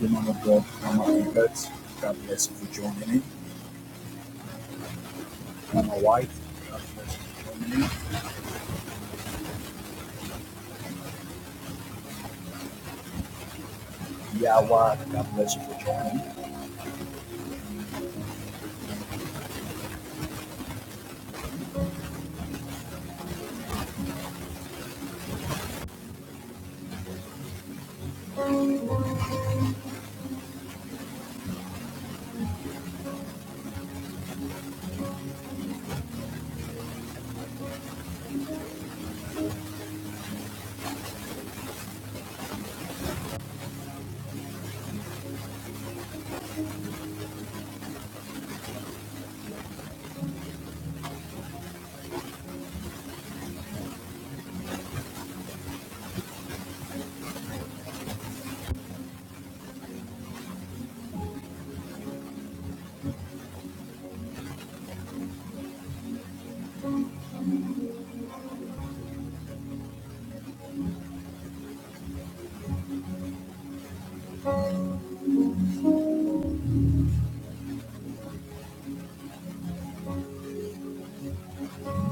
woman of God, Mama Elizabeth, God bless you for joining in. Mama White, God bless you. Yawa, God bless you for joining in.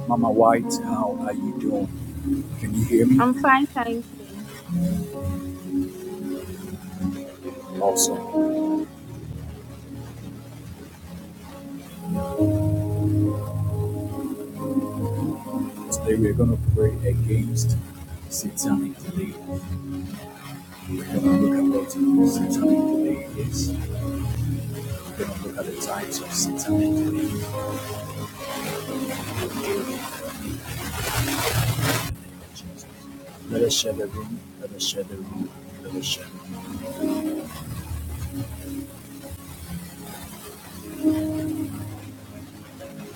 Mama White, how are you doing? Can you hear me? I'm fine, thank you. Awesome. Today we're going to pray against satanic delay. We're going to look at what satanic delay is. We're going to look at the types of satanic delay. Jesus. Let us share the room. Let us share the room. Let us share the room.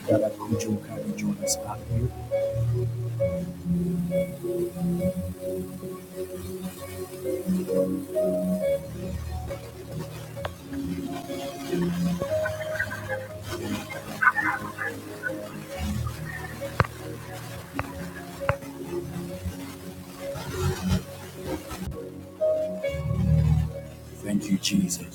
God, I could you can you join us up here. Thank you, Jesus.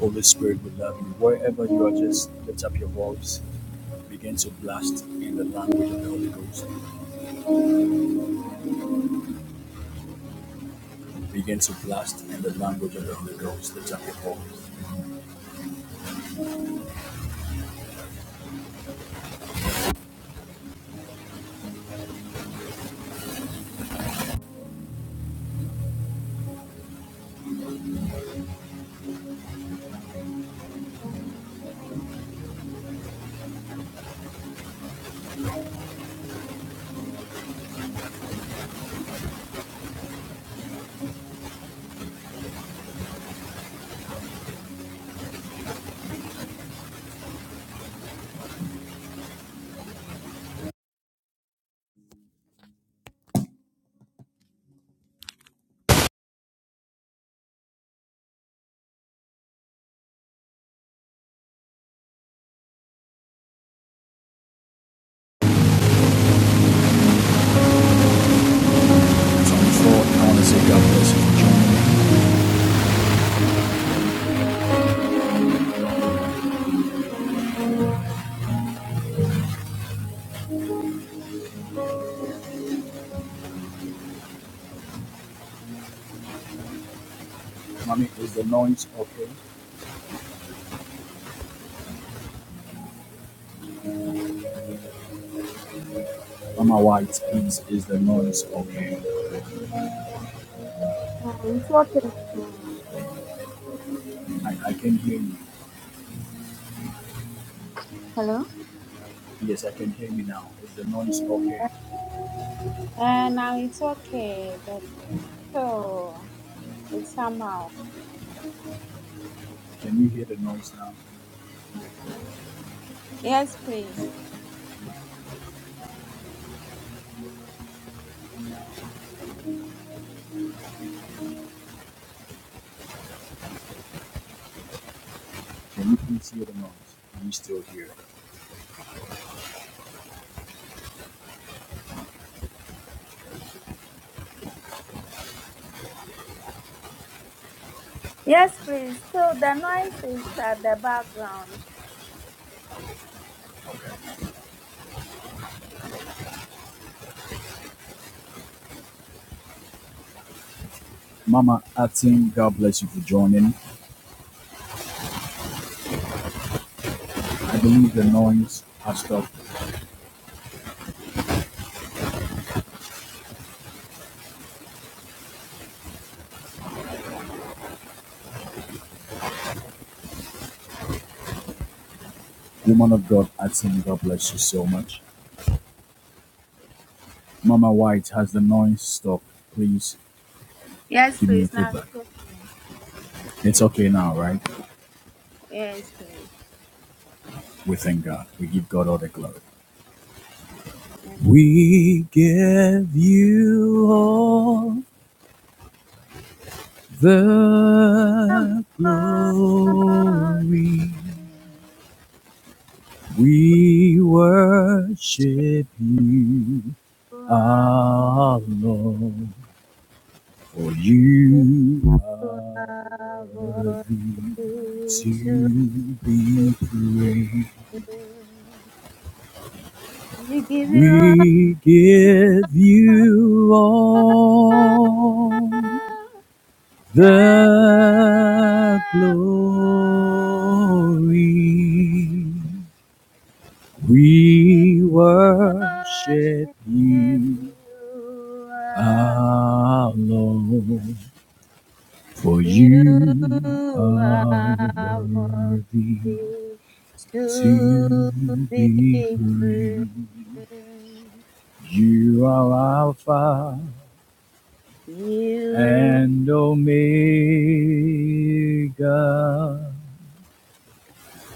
Holy Spirit, we love you. Wherever you are, just lift up your voice. Begin to blast in the language of the Holy Ghost. Begin to blast in the language of the Holy Ghost. Lift up your voice. 4, I want to say God bless you for joining. Mommy, is the noise okay? Mama White, please, is the noise okay? Uh, it's okay. Hmm. I, I can hear you. Hello? Yes, I can hear you now. Is the noise okay? Uh, now it's okay, but so it's somehow. Can you hear the noise now? Yes, please. Can you please hear the noise? Are you still here? Yes, please. So the noise is at the background. Mama Atin, God bless you for joining. I believe the noise has stopped. Woman of God, I think God bless you so much. Mama White, has the noise stopped? Please Yes, give me a please. Now feedback. it's okay. It's okay now, right? Yes, please. We thank God. We give God all the glory. Amen. We give you all the Oh, glory, glory. We worship you, You are- our Lord. For you you are are worthy worthy to to be be praised. praised. We give We you all. give you The all the ground glory. we We worship worship you you. alone, for You you are are worthy worthy to to be be free, praised. You are Alpha You and Omega.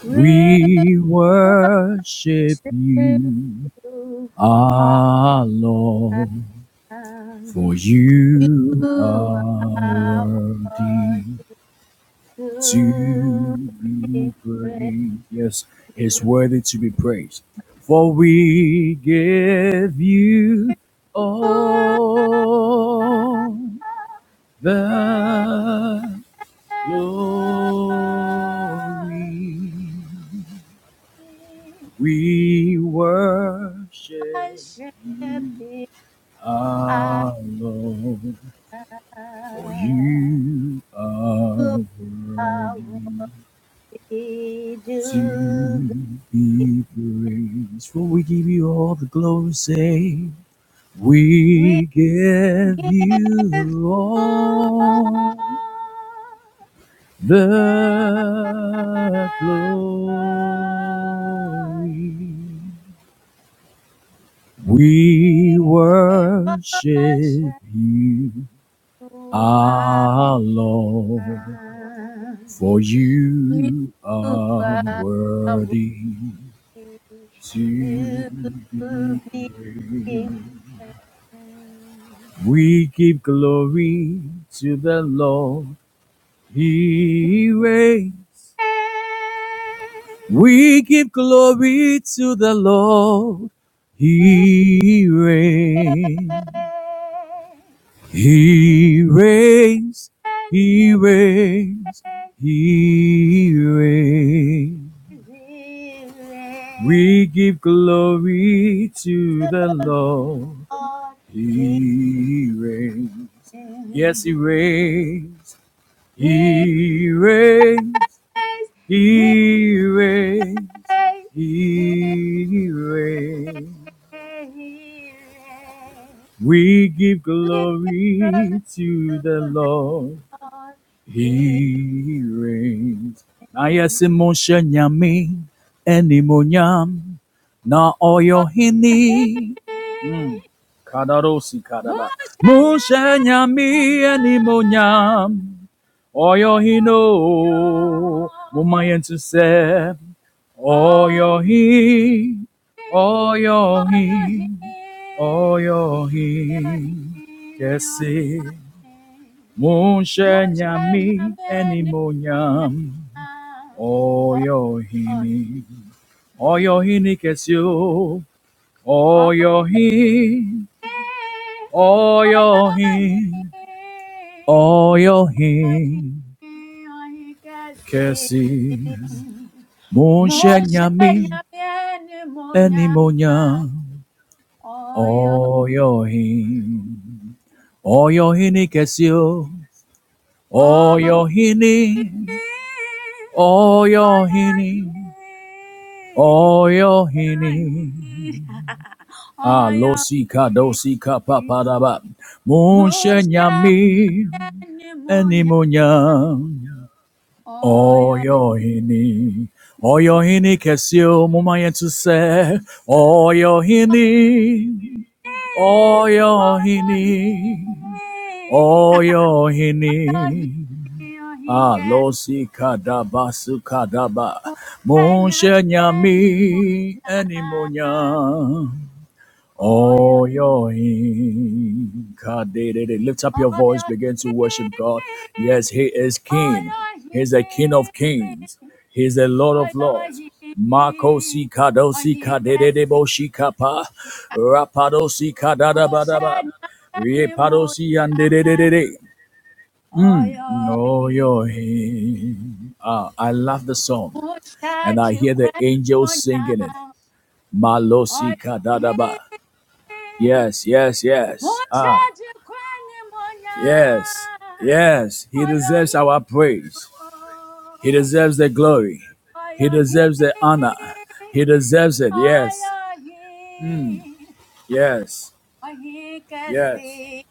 will We worship worship you, you. our Lord, honor. for You you are are what worthy. to to be be praised. praised. Yes, He's You worthy to be praised. For we give you are all the the glory. glory We I worship shall you be. our Lord, for you are You are what worthy. we do. to be praised. For we give you all the glory, say, We we give give you you all. all Never the glory. We we worship worship you, you. ah, our Lord, for You you are are worthy. worthy to to be be praised. praised. We give glory to the Lord. He reigns. We give glory to the Lord. He reigns. He reigns. He And reigns. He reigns. here We give glory is to the the Lord. Lord. He He reigns. He Yes, he is, reigns. he is, He reigns. he He reigns. is. He reigns. We give We give glory glory to to the the Lord. Lord. He He reigns. Na is. yesimoshe nyami enimonyam na Oh, oyo he hini. Mm. is. Kadarosi kadaba. Moshe Moshe Nyamen nyami Moshe. enimonyam oyo hino. Mumayentu se Elohim. oyo hi oyo hi Elohim. oyo hi Elohim. kesi. Elohim. Munshanyami Mochanyamene onya. enimonyam. Ohi, Oyohini. Oyohini kesyo. ohi, Oyohin. oyahi, Oyohin. ohi, Oyohin. ohi kesi. Kesi. Munshanyami Mochanyamene monya. enimonyam. Oyo, Oyohin. Oyohini kesyo. ohi, Oyohini. Oyohini. oyahi, oyahi, Oyohini. Ah, Alosika dosika papadaba. oyahi. Munshenyami pneumonia. enimonya. Oyo, Oyohini. Oyohini kesio mumayetu se. oyo, Oyohini. oyo, Oyohini. Oyohini. oyo, ohinkes, Alosika daba sukadaba. Kenya Munshenyami pneumonia. enimonya. Oyo, Oh, Elohim, God, they, they, they lift up your oyo, oyo, voice, begin to worship God. Yes, He is King. oyo, He's the King of ohinkes, Kings. He's the Lord of Lords. Makosi kadosi kadedede boshi kapa, Kenya rapadosi kadada badaba, pneumonia. repadosi andededede. Mm. No, Oyo, Elohim. Ah, I love the song, Mosha and I de hear the angels Quenimonia, singing it. Malosi olha aí. kadadaba. Yes, yes, yes. Mosha Ah, de yes, Quenimonia, yes. He olha deserves aí. our praise. He Olha deserves the glory. He aí, deserves the honor. He deserves it. Yes, olha aí. yes, Olha aí que yes. se.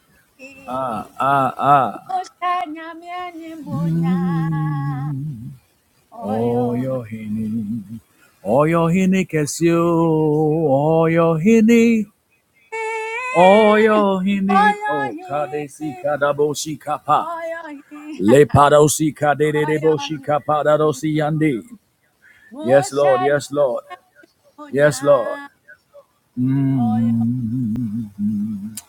Ah, ah, ah. Mosha minha menimonia, Mm. olha Oyo hini, oyo hini kesio, oyo hini, aí. oyo hini. Olha Oh, aí, kadesi kadaboshi kapa. olha aí, Le padosi kadere olha debo shika aí. padarosi yandi. Yes, Lord. Musa Yes, Lord. Yes, Lord. nyonya, oyo Mm.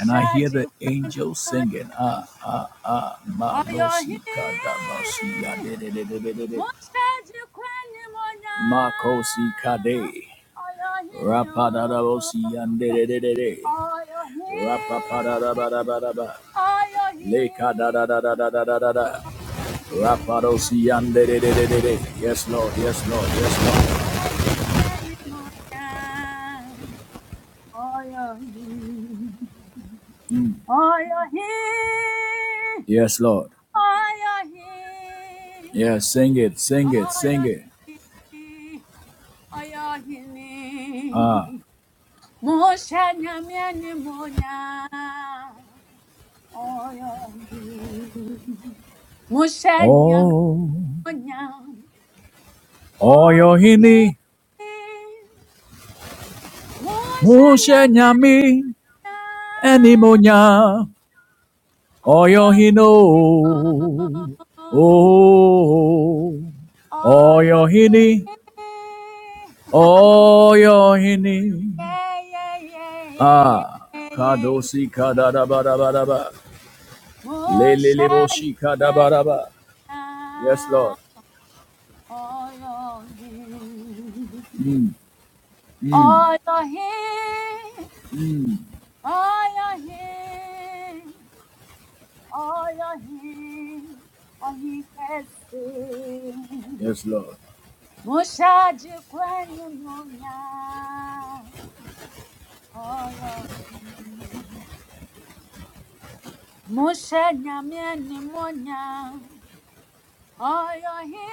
And I hear the jikwe angels singing. Ah, nyonya, ah, ah. oyo Malosi hi. kadarosi yandere debe debe. Musa jikwe nyonya, Makosi kade. oyo hi nyo, Rapadarosi yandere debe debe. oyo hi, Rapapadabadabadaba. oyo Le hi. kadadadadadadada. Oyo Rapadosi hi, yandere debe debe. Yes, Lord. Yes, Lord. Yes, Lord. Musa nyonya nyonya, oyo hi, oyo hi. Yes, Lord. Ayahi, Yes, sing it, sing it, sing it. ayahi, ayahini. Ah. Moshe nyamyeni monya. Ayahi. Moshe Oh, nyamonya. oyo Ayahi. hini, oyohini, Moshe nyamyenya. mushenyami, enimonya, Ayahi. oyohino. Oh, oyo hini, Ayahi. oyohini, hini. yeah, yeah, yeah, yeah, yeah, Ah, yeah, yeah. kadosi kadabarabaraba, leleleboshi Moshadia, kadabaraba. Yes, Lord. Oyohi, Mm, mm. Oyohi, Oyohi, Oyohi, Ohikesi, Yes, Lord. Moshaji kwenye munya, Oyohi, Mosha nyamye ni munya. Ayahi,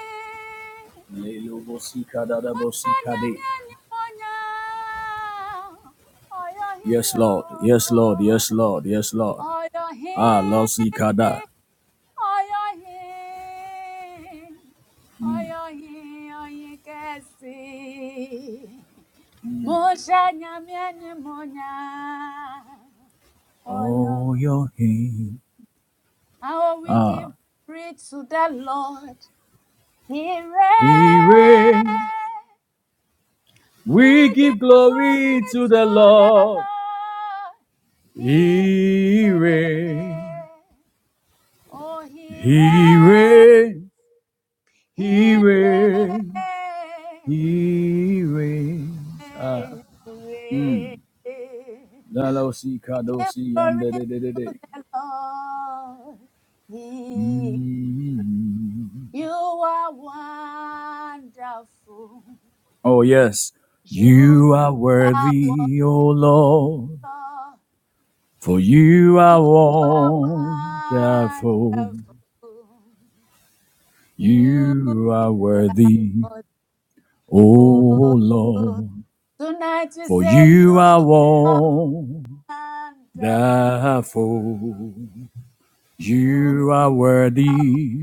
mwanya Lelobosikadadabosikade. miani mwanya, ayahi Yes, nyo, Lord. Yes, Lord. Yes, Lord. Yes, Lord. ayahi, Ah, Losikada. ayahi, ayahi, ayahi kesi. Moshe nyamiani mwanya, Oh, ayahi. your hand. How we give Ah, praise to the Lord, He He reigns. reigns. We We give give glory glory to to the the Lord. Lord. He He reigns. reigns. Oh, he He reigns. reigns. He He reigns. He reigns. Ah, reigns. He mm. reigns. Lalosikado Give si glory, yandere de de de. de de. Lord. He, Mm. you are wonderful. Oh, yes. You You are are worthy, O Lord, wonderful. for you You are are wonderful. wonderful. You You are worthy, are. O Oh, Lord, tonight we for say you you are wonderful. wonderful. You, You are worthy,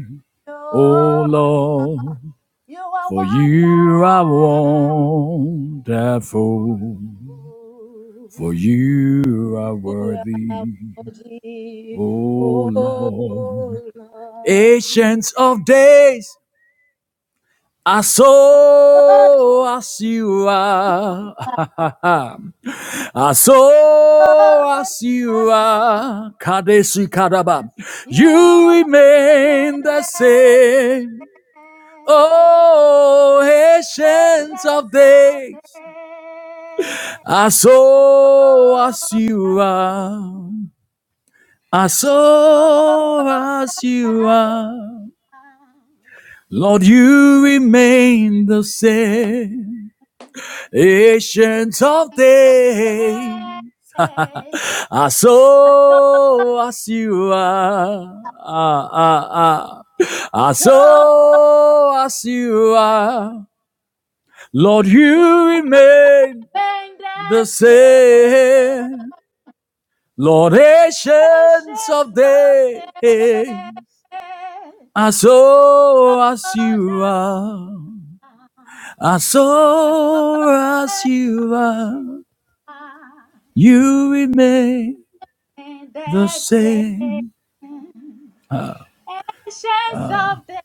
O Lord, Lord, you are for you are wonderful. wonderful. For you are You are worthy, worthy, Oh oh Lord, Lord. ancients of days, I saw as you are. I saw Lord, as as you are. Kadeshi Kadaba. you You remain remain the the same. same, Oh, ancients of ancients of days, days, I as saw as old you as, are. I as old saw as you as are. Lord, Jesus you remain the same, ancient of patience of days. faith. I I saw, saw as you are. Ah, ah, ah. I I saw saw as you are. Lord, you in you remain the the same. Lord, ancient of patience of days. faith. I saw as Oh, you that's are. I I saw saw as that you are, you remain in the the patience same. of faith.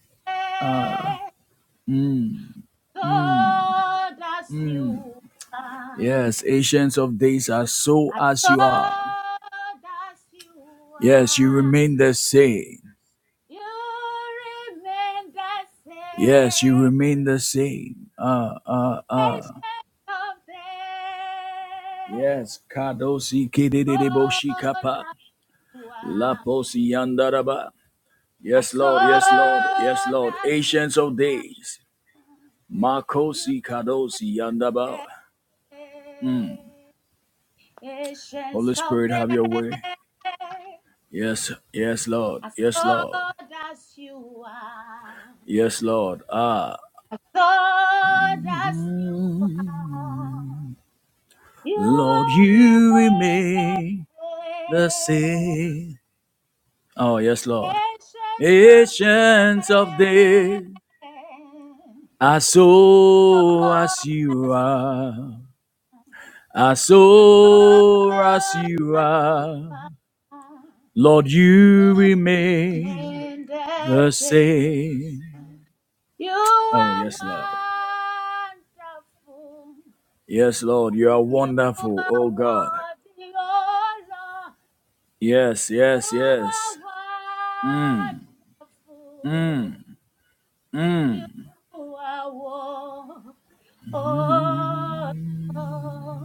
Oh, that's you. Yes, ancients of days, I saw As as old you are. as you Yes, you are, remain the same. you remain the Yes, you same. remain the same. Uh, uh, As uh. of them, Yes, kadosi kididideboshi old kapa, as you are, laposi yandaraba. Yes, as Lord, yes, Lord, yes, old Lord. as Ancients you of days, are, you makosi kadosi yandaba. remain ancients Holy of Spirit, them. have your way. Yes, yes, Lord. As Yes, Lord. old as you are, Yes, Lord. Ah, as old as you are. You Lord, you remain the remain the same, same. Oh, yes, Lord. ancients of Ancients of days, days. I saw as Lord, you are. I as saw as Lord you as you are. are, Lord, you you remain remain the the same. same. You Oh, are yes, Lord. wonderful. Yes, Lord, you are You wonderful, are oh God. worthy, oh Lord. Yes, You yes, yes. are Mm, wonderful. mm, You mm. are war. Oh, oh.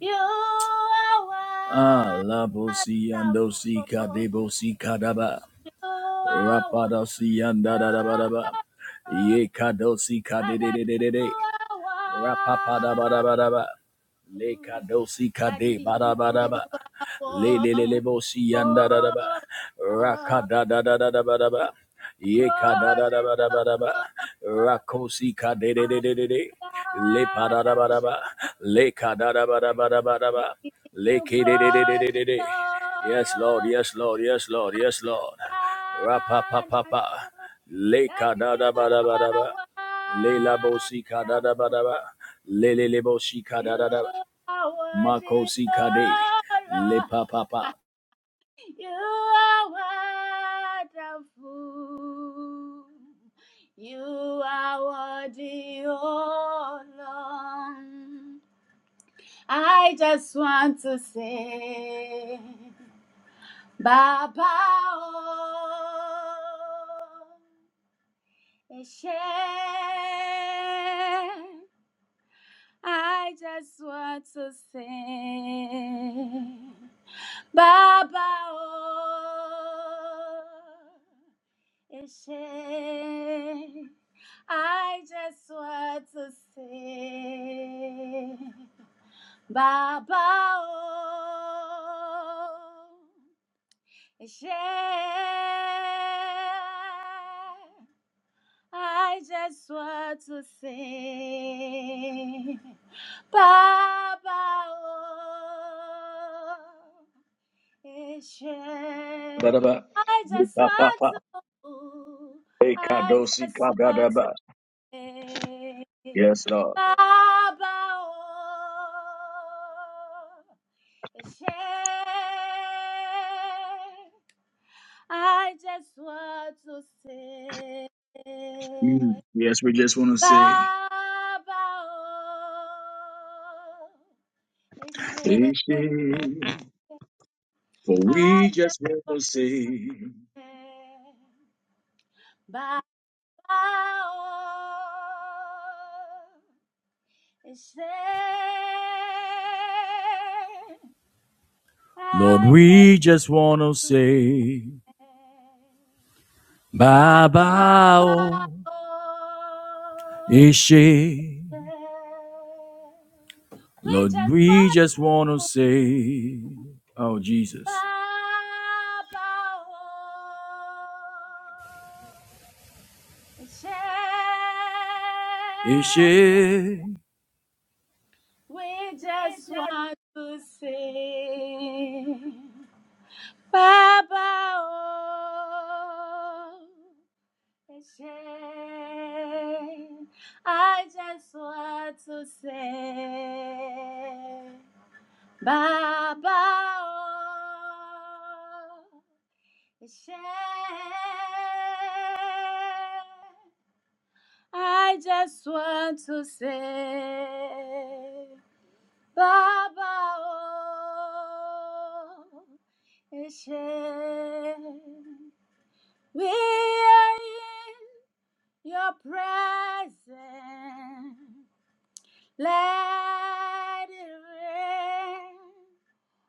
you are Ah, la bosi ando si wonderful. kadebo si kadaba. You are Rapada si anda da da ba da ba. wonderful. Ye kado si kadede Father, de you de de de. are Rapapadabadabadaba. Le wonderful. kadosi Daddy, kade you are. badabadaba. Le le le le wonderful. bosi yandadadaba. Oh, oh. Rakadadadadabadaba. Ye glory, kadadadabadabadaba. Lord. Rakosi kade de I de de de de. Le honor you. padadabadaba. Le kadadabadabadabadaba. Give Le you kede de de de de glory, de de. Yes, Lord. Lord. Yes, Lord. Yes, Lord. Yes, Lord. God, rapa I know Rapapapapa. Le that you kadadabadabadaba. are Lela Bosika da wonderful. da ba da ba. Lele le Bosika da You da da. are worthy, makosi kade oh Le Lord. pa pa pa. You are wonderful. You are worthy, oh Lord. I just want to say, Baba. Oh. Hashem, I just want to sing. Baba, oh, Hashem, I just want to sing. Baba, oh, Hashem, I just want to sing. Baba oh, Da Eshe. da ba. I Le just pa pa want, pa. E I kadosi ka just da da want to ba. sing. Yes, Lord. Baba oh, Eshe. I just want to Mm. sing. Yes, we just want to say, Baba, oh, I eshe Ishi. for we just want to ajabe. say, Baba, oh, I eshe Lord, we ajabe. just want to say, Baba, Baba oh, o Ishi. eh. we Lord, just we want. just want to say, Oh, Baba Jesus. oh, share. Ishe. We just want to sing. Baba oh, share. I just want to say, Baba oh, I just want to say, Baba, oh, we are in your presence. Let it rain,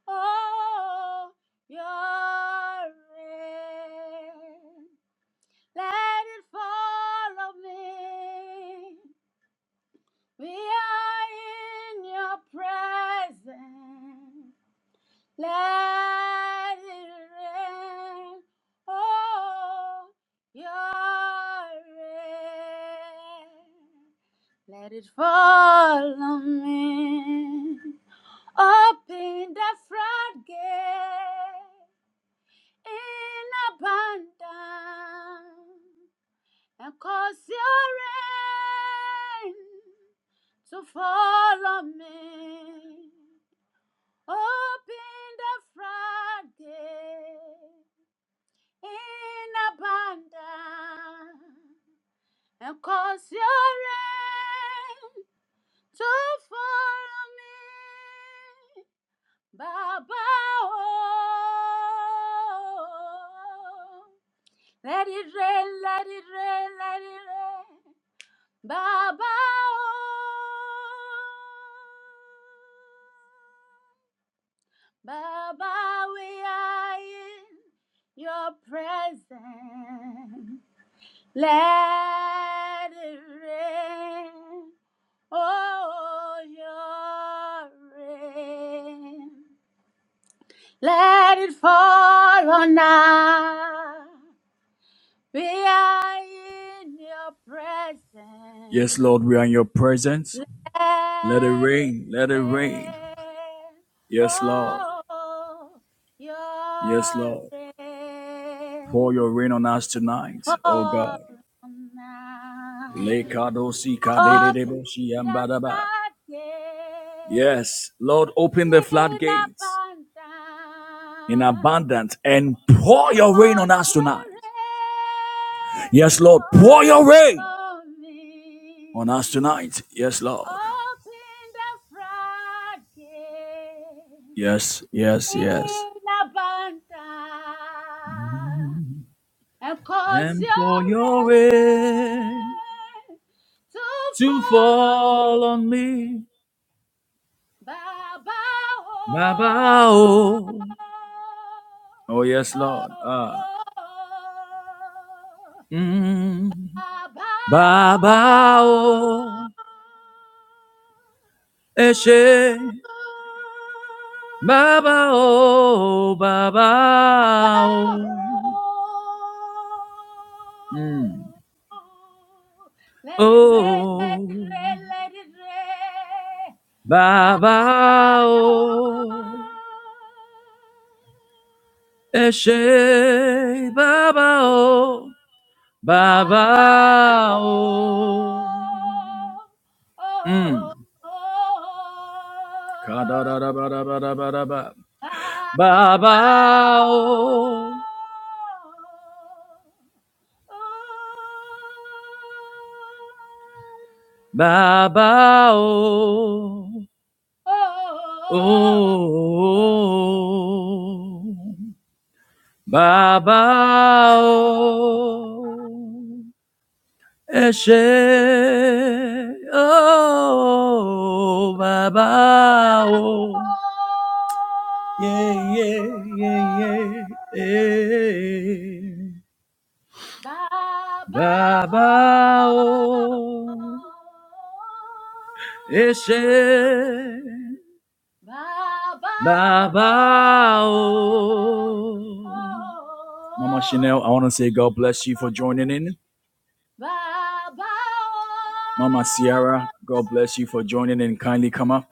oh, your rain. Let it follow me. We are in your presence. Let it rain. Oh, your rain. Let it follow me. Open the floodgate in abundance. and cause your rain to fall on me. Open the floodgate in abundance and cause your rain to fall on me. Baba, oh, let it rain, let it rain, let it rain. Baba o, Baba, we are in your presence. Let it rain, oh your rain. Let it fall on us. We are in your Yes, presence. Lord, we are in your presence. Let Let it it rain, let it rain. rain. Yes, Lord. Oh, Yes, your Lord. Pour rain your rain on us tonight, oh fall God. now. Open the floodgate Yes, Lord, open the in floodgates abundance in abundance and pour and your rain on cause us your tonight. rain to Yes, Lord, pour your rain fall on on us me. tonight. Yes, Lord. Open the floodgate Yes, yes, yes. in abundance and cause And your pour your rain. rain to to follow fall on me. Baba. My bow. Oh, Oh, yes, Lord. oh, Ah. oh, oh. Mm. Abba, Ba bao. Eshe. Ba bao. Ba Mm. Let it rain, let it Oh. rain, let it rain. Bow. Ba bao. Eshe. Ba bao. Ba Baba, oh, bao. oh, Mm. oh, Ka-da-da-da-ba-da-ba-da-ba-da-ba. Baba, oh, Ba-ba-o, ba-ba-o, oh, oh, Baba, ba-ba-o, eshe, oh, ba-ba-o, yeah, yeah, yeah, yeah, Baba, yeah. Baba ho, Baba, Ese Baba ho, Baba O Mama Chanel, I want to say God bless you for joining in. Baba ho. Mama Sierra, God bless you for joining in. Kindly come up.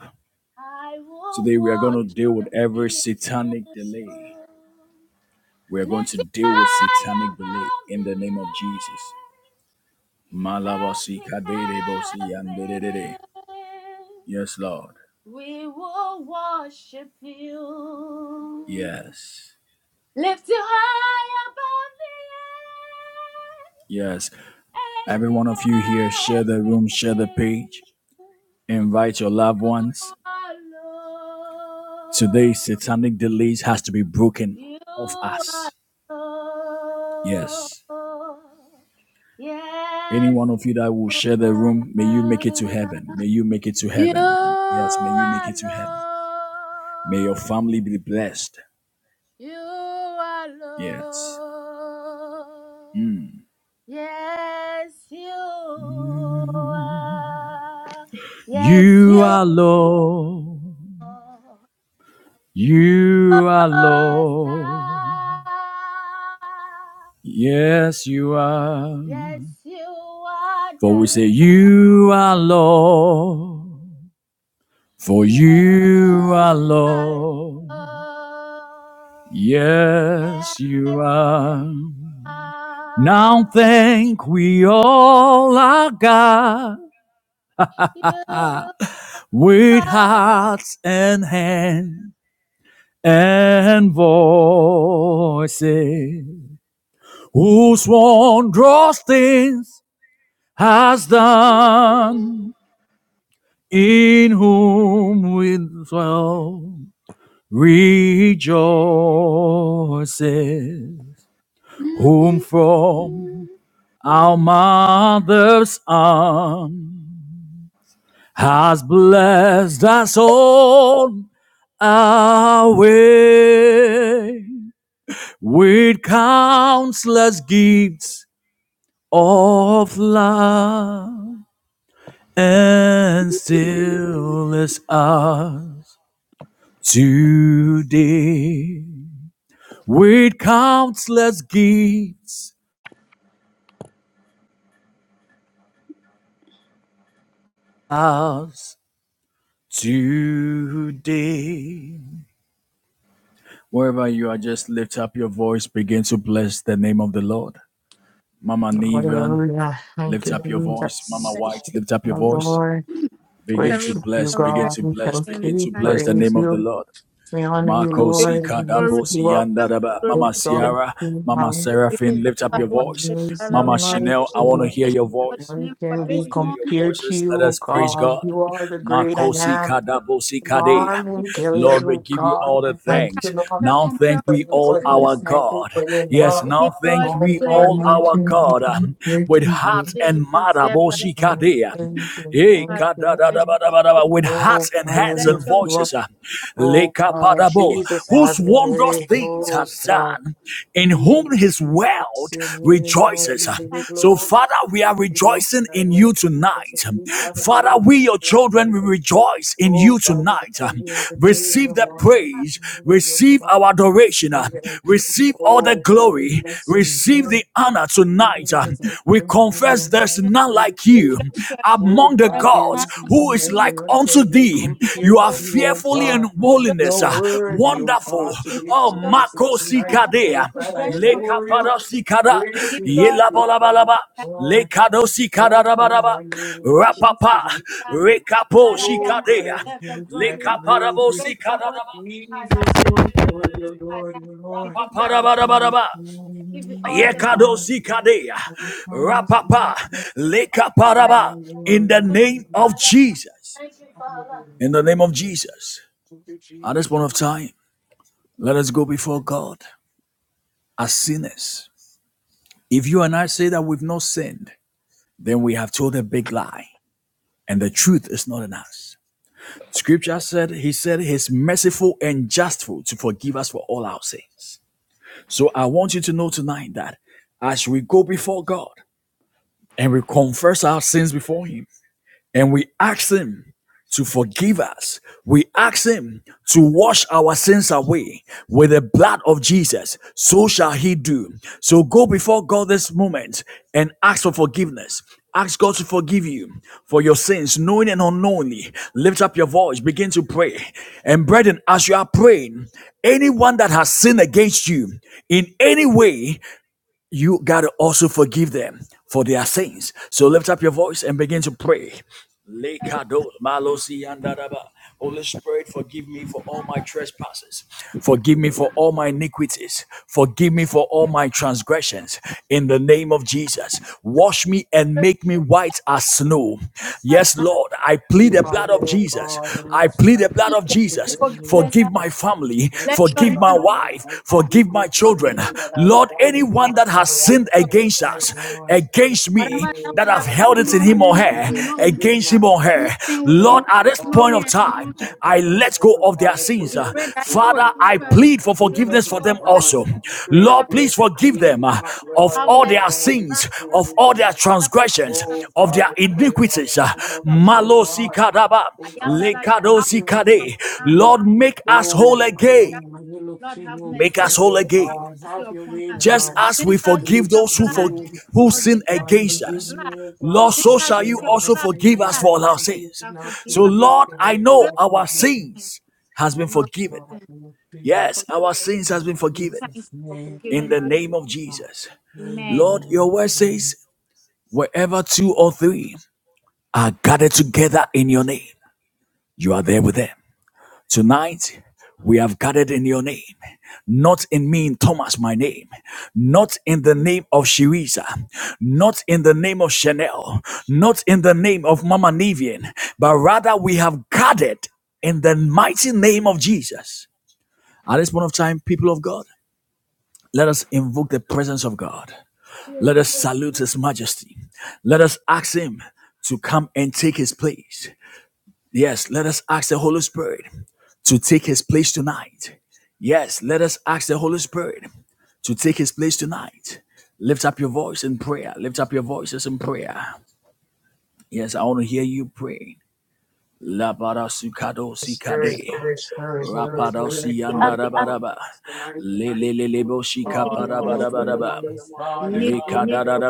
I will Today we are going to deal with worship every you, satanic delay. We are going to lifting deal with high satanic delay above in the name of Jesus. Malabasi kaderebosi the earth and yandererere. the heaven. Yes, Lord. We will worship you. Yes. Lift you high above Yes. the earth and Every the one of you here, share the room, share the heaven. page. Invite your loved You ones. are Today, Lord. satanic delays has to be broken You off are us. Yes. Lord. Any Yes, one of you that will share the room, may you make it to Lord. heaven. May you make it to you heaven. Yes, may you make are it to heaven. May your Lord. family be blessed. You are Yes. Lord. Yes, you are. Yes, You you are Lord. are. You are Most Lord. High. Yes, you are. Yes, you are For we the say, You Lord. are Lord. For You you are are Lord, Lord. yes, you Yes, are. Now think we all are God, you ah, with are. hearts and hands and voices, whose wondrous things has done, in whom we dwell, rejoices. You whom from are. our mother's arm has blessed us all our way with countless gifts of love and still is us today with countless gifts us today Wherever you are, just lift up your voice. Begin to bless the name of the Lord. Mama Nevan, Hallelujah. Thank lift you, up your voice. Mama Jesus. Bless White, lift up your Oh you. voice. Lord, Begin Every to worship you, bless, prayer we begin bless God. to We bless, thank him. begin you, to Thank bless the you. praise name of the you. Lord. We honor you, Marco Your si Lord. We glory, lift you kadabosi up. deserve yandaraba. glory, Mama deserve, Exalt Sierra, you, Mama how you Seraphine, lift deserve up our your voice. worship, there is Father. We Mama none thank like Chanel, I you. We want to you. hear bless your your voice. holy name None for can I this be want to hear your morning. compared to voices. you, Let oh us Thank praise God. God. You are the you, great I Makosi am. kadabosi kade. Lord. Lord, You and Gilead, Lord, we oh give you all God. the can Thank you, thanks. Lord, Now compare thank for we with your your all holy name. our goodness. Thank you God. for your Yes, love. We give now you And all the thank All we God, praise. all We give none you our can all be God uh, compared with to the you. heart praise. and You mouth. deserve our Oh, abosi God, I praise, kade. Father. thank you. Hey, Thank We you. bless Um, you. kadadadabadabadaba, with Oh, hearts and We God, I hands bless and lift your holy you name. We up. voices, uh, Oh, God, lekapadabo, Jesus, bless have whose your wondrous your way. holy things Oh, has God, done, in name. whom his Jesus, we bless world your name. Oh, rejoices. we uh. give you Thank you, So, glory. Father. Father, we are We bless rejoicing your in Lord you Jesus, as tonight. we We gather bless here Father, in we, your your children, we presence. rejoice in you Oh, God, we know tonight. uh. that you are the great, your and the Receive the one, praise, you know that you're the receive our mighty, adoration, you're uh. the receive all the Oh, God, we glory, bless receive you. holy the honor name. tonight. Jesus, I We come to you, confess Lord, there's none praise like We you you. bless your name Oh among for the there God, is there gods none is like no who is thee. like nothing I unto can We give be thee. you the You compared are to glory. you, oh Father. fearfully in God. We holiness, You're uh, worthy, oh wonderful. God, to be Oh, bless your holy praised and Mako name. tonight Father. because of Sikadea, We God. I bless your holy Father. We bless your Leka holy adore name. you. Parasikada, We Really give to you you, all the praise. Yelabalabalaba, faithfulness, Lord. Lekado We Walking Sikadarabaraba, by knowing you and your bless your Rapapa, faces and God. food. I am God. I Rekapo Oh am. We God, Sikadea, I deserve the thank you. I Leka glory. praise We Parabo you. bless your holy Sikadaba. name, Father. Jesus, Lord, are Lord, your Lord, your We bless you, Father. You Lord. deserve. We give you all the praise. Oh, Yekadosikadea, Thank you, Rapapa, All the praise. Lekaparaba, in the name Thank you, of Father, Jesus. thank you, Father. In the name of Jesus. At this Jesus. point of time, let us go before God as sinners. If you and I say that we've not sinned, then we have told a big lie, and the truth is not in us. Scripture said, He said, He's merciful and justful to forgive us for all our sins. So I want you to know tonight that as we go before God and we confess our sins before Him, and we ask Him to forgive us. We ask Him to wash our sins away with the blood of Jesus. So shall He do. So go before God this moment and ask for forgiveness. Ask God to forgive you for your sins, knowing and unknowingly. Lift up your voice, begin to pray. And brethren, as you are praying, anyone that has sinned against you in any way, you got to also forgive them for their sins. So lift up your voice and begin to pray. Lekado malosi yandaraba. Holy Spirit, forgive me for all my trespasses. Forgive me for all my iniquities. Forgive me for all my transgressions. In the name of Jesus, wash me and Thank make me white as snow. Yes, Lord, I plead Clean the heart, blood of oh Jesus. God, and I it's plead the like blood you of that you Jesus. forgive us. Forgive our my sin. family. Bless Let me, your name Forgive my be God. wife. I forgive Forgive my you for forgive children. everything that us. I've Lord, done anyone on that my has right sinned against sure hand against side, of us, us, Lord. against Forgive me, Whatever me, that oh that we have have God. done held it Forgive in my him or knowingly and her, children. unknowingly, Forgive against my him or husband. her. anything we Lord, Oh, at committed this God, point knowingly of oh, and God, time, unknowingly, my I family let go members, of God, their I sins. put we Uh, them pray that you before Father, you, forgive I oh us, God. plead for Forgive us, let forgiveness go for oh, them of our God. also. sins. Create Father, Lord, a way please to forgive us, forgive O them clean God. uh, heart, of Lord, Have and all one mercy their mind. on us, sins, O God. of Forgive all them. their Father, forgive transgressions, us, Oh, of God, their I O God. pray, Lord, iniquities. Uh, Have and mercy help us, upon your oh, Malosi God. children. kadaba, I Oh am God, that to I am. know Have lekadosi you and to mercy be on kade. true. Lord, make us us. Oh, whole oh, again. God. when you look Lord, to have you Make mercy. because us whole you're again Have God, mercy have your upon way us. just now. as we Cleanse us We with forgive look your those to who for, blood. you. who sin Oh Forgive us God, against with forgive your us me, blood. oh God, lord for so Cleanse us shall doing you with your what I also blood, can, forgive us what God. for I all want our to do, sins is Father, not forgive so us. please, it's lord i very Pray know God, for keep our me. forgiveness. sins has been Oh No forgiven God, sin. we look to Father, you. yes forgive our us. sins has In been forgiven Thank you Jesus' for name, in forgiving the us. name of Amen. jesus Amen. lord your word says Amen. wherever two or three are gathered together in your name you are there with them Tonight, we have gathered in your name, not in me, in Thomas, my name, not in the name of Shiriza, not in the name of Chanel, not in the name of Mama Nivian, but rather we have gathered in the mighty name of Jesus. At this point of time, people of God, let us invoke the presence of God. Let us salute His majesty. Let us ask Him to come and take His place. Yes, let us ask the Holy Spirit to take his place tonight. Yes, let us ask the Holy Spirit to take his place tonight. Lift up your voice in prayer. Lift up your voices in prayer. Yes, I want to hear you pray. Labarasukado sikade. Spirit, Spirit, Holy Spirit, Holy Holy Spirit, Holy Rapadosi Spirit, Spirit, We come. ask come. andarabaraba. Oh you to Leleleleboshika be God, in Fall I fresh our just midst. let them parabarabaraba. on this We God, I in need among Le Fall fresh in thank among your us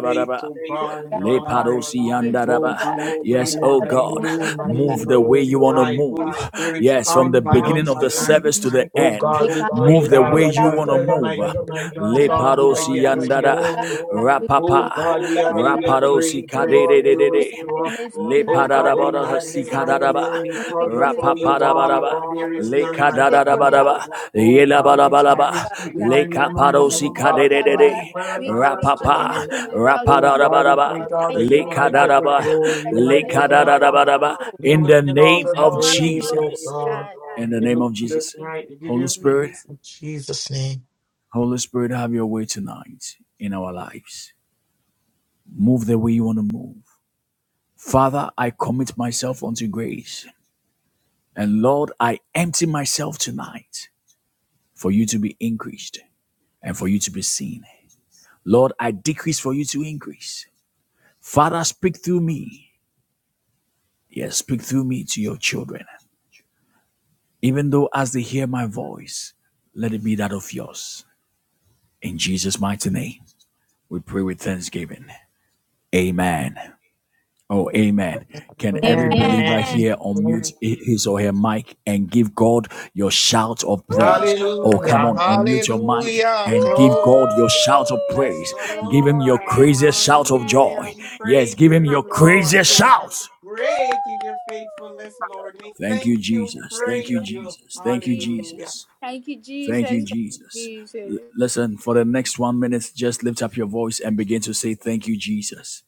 faith, oh this you, oh God, in God. day, oh our lives. We need you, Oh oh God, I God. Oh pray, Yes, Lord, oh Father, that God, we need you, you oh might be God. move the way you want to glorified. move. Father, Holy we Spirit, Yes, from come the by beginning need us of you. the in our tonight. service to the Oh end, Oh We God, we cannot do move pray, the God, way that you without want to whatever you. move. might be done, and Le meeting, done, oh cannot God, God, you do might parosi be get a without the you, andara O God. glory. We pa Oh cannot God, do we are without you really being rapado praying, in our you, sikadere midst. de Lord. de We Be de lift in you, up. our midst le now. Oh God, they padarabada Be magnify in your our sikadaraba name midst. We need your because of Holy Spirit who you to are, rapaparabaraba and come there is le none and like take over. you. kadarabaraba Oh yela God, this barabaraba magnify O God. le divine name among us, kapado Come and take over, O God. Come and oh take God. over, sikadere O de Come de and God. dwell We among can't us rapapa do tonight. anything without Oh you. God, we rapadarabaraba We pray, God, that invite you le you might to our get the kadaraba midst. glory, Let you the le might Holy get the Spirit take honor, kadarabarabaraba control. you in will the get all name Use the your of man praise, of Jesus God, oh O God. God. in the We name look of to you Jesus tonight, we give Holy you Spirit thanks in Jesus' name. Holy Spirit have your way tonight in our lives move the way you want to move Father, I commit myself unto grace. And Lord, I empty myself tonight for you to be increased and for you to be seen. Lord, I decrease for you to increase. Father, speak through me. Yes, speak through me to your children. Even though as they hear my voice, let it be that of yours. In Jesus' mighty name, we pray with thanksgiving. Amen. Oh, amen. Can Amen. every Amen. believer Amen. here unmute his or her mic and give God your shout of praise? Oh, come Hallelujah, on, unmute your mic hallelujah, Woo! and give God glory. your shout of Bless praise. the Amen. Give him your Amen. Lord. craziest shout of and Hallelujah. joy. We Amen. Yes, praise give your him name, your Lord. craziest Hallelujah. shout. Great is your faithfulness, Lord. We Thank thank you, you. We Jesus. Thank you, praise Amen. you. Jesus. Thank you, Thank you, Jesus. Hallelujah. Jesus. Thank you, Jesus. Thank you, Thank you, Jesus. L- Jesus. listen, for the next one minute, just lift up your voice and begin to say, Thank you, Jesus.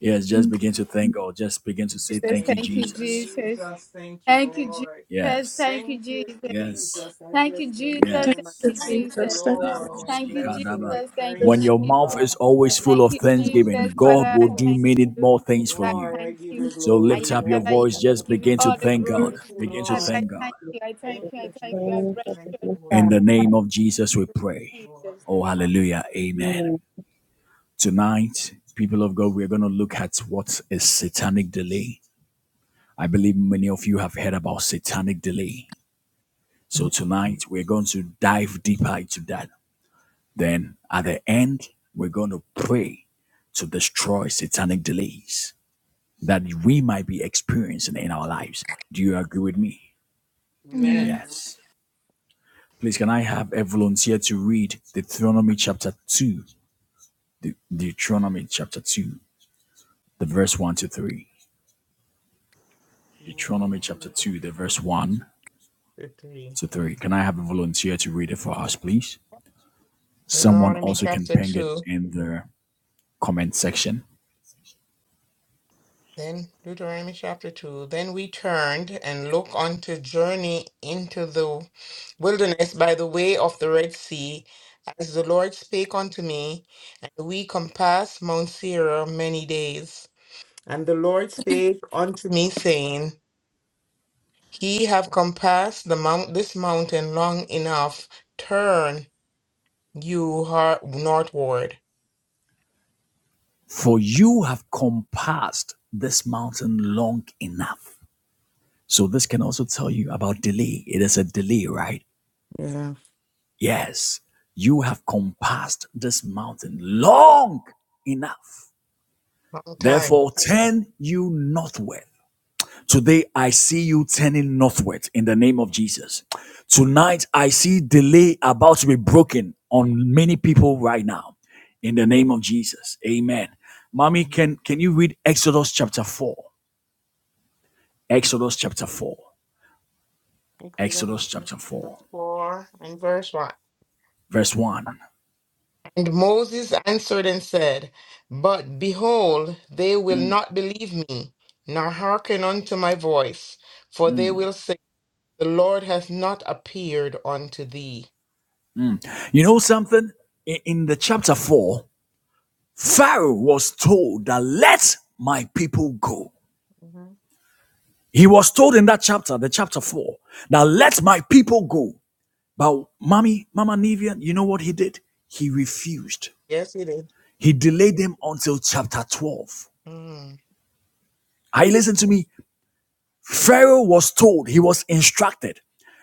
Yes, just Thank begin to thank God. Just begin to say, Jesus. Thank you, Thank Thank you, you, Jesus. Jesus. Jesus. Thank you, Thank you, Lord. Jesus. Yes, Thank Thank you, yes, Jesus. I you, Jesus. Thank you, bless your Jesus. you, name. I yes. Thank you, Jesus. Thank you, Lord. I Thank you, Jesus. Thank you, Jesus. bless you. Labosikadaba. I Thank you, When Jesus. praise your you, mouth Jesus. God. is always full Thank of you, Honor you, Jesus. thanksgiving, God Father, I will do thank Jesus. many you. more things for Father, I you. Lord, I thank give you. you So I lift glory. am up your that I Lord, am. I voice, give I you just give you begin praise. to all the thank God. glory. Thank you, Begin to Father, Lord. I thank God. thank you. I thank Thank you. you, I thank you. I Jesus. bless Thank you. you, Holy In the Ghost. name of Jesus, we pray. Jesus, Oh, thank you, Jesus. hallelujah. Amen. Tonight, people of God, we're going to look at what is satanic delay. I believe many of you have heard about satanic delay. So tonight, we're going to dive deeper into that. Then at the end, we're going to pray to destroy satanic delays that we might be experiencing in our lives. Do you agree with me? Yeah. Amen. Yes. Please, can I have a volunteer to read Deuteronomy chapter 2? De- Deuteronomy chapter 2, the verse 1 to 3. Deuteronomy chapter 2, the verse 1 3. to 3. Can I have a volunteer to read it for us, please? Someone Deuteronomy also can chapter ping it 2. in the comment section. Then Deuteronomy chapter 2. Then we turned and looked on to journey into the wilderness by the way of the Red Sea, as the Lord spake unto me, and we compassed Mount Seir many days. And the Lord spake unto me, saying, He have compassed the mount this mountain long enough. Turn. You are northward. For you have compassed this mountain long enough. So, this can also tell you about delay. It is a delay, right? Yeah. Yes. You have compassed this mountain long enough. Long time. Therefore, turn you northward. Today, I see you turning northward in the name of Jesus. Tonight, I see delay about to be broken on many people right now in the name of Jesus. Amen. Mommy, Mhm. can, can you read Exodus chapter 4? Exodus chapter 4. Exodus Exodus chapter 4, chapter 4 and verse 1. verse 1. And Moses answered and said, But behold, they will not believe me, nor hearken unto my voice, for they will say, The Lord hath not appeared unto thee. You know something? In, the chapter 4, Pharaoh was told that let my people go. Mhm. He was told in that chapter, the chapter 4, that let my people go. But mommy, Mama Nivian, you know what he did? He refused. Yes, it is. He delayed them until chapter 12. Mm. Are listen to Yes. me? Pharaoh was told, he was instructed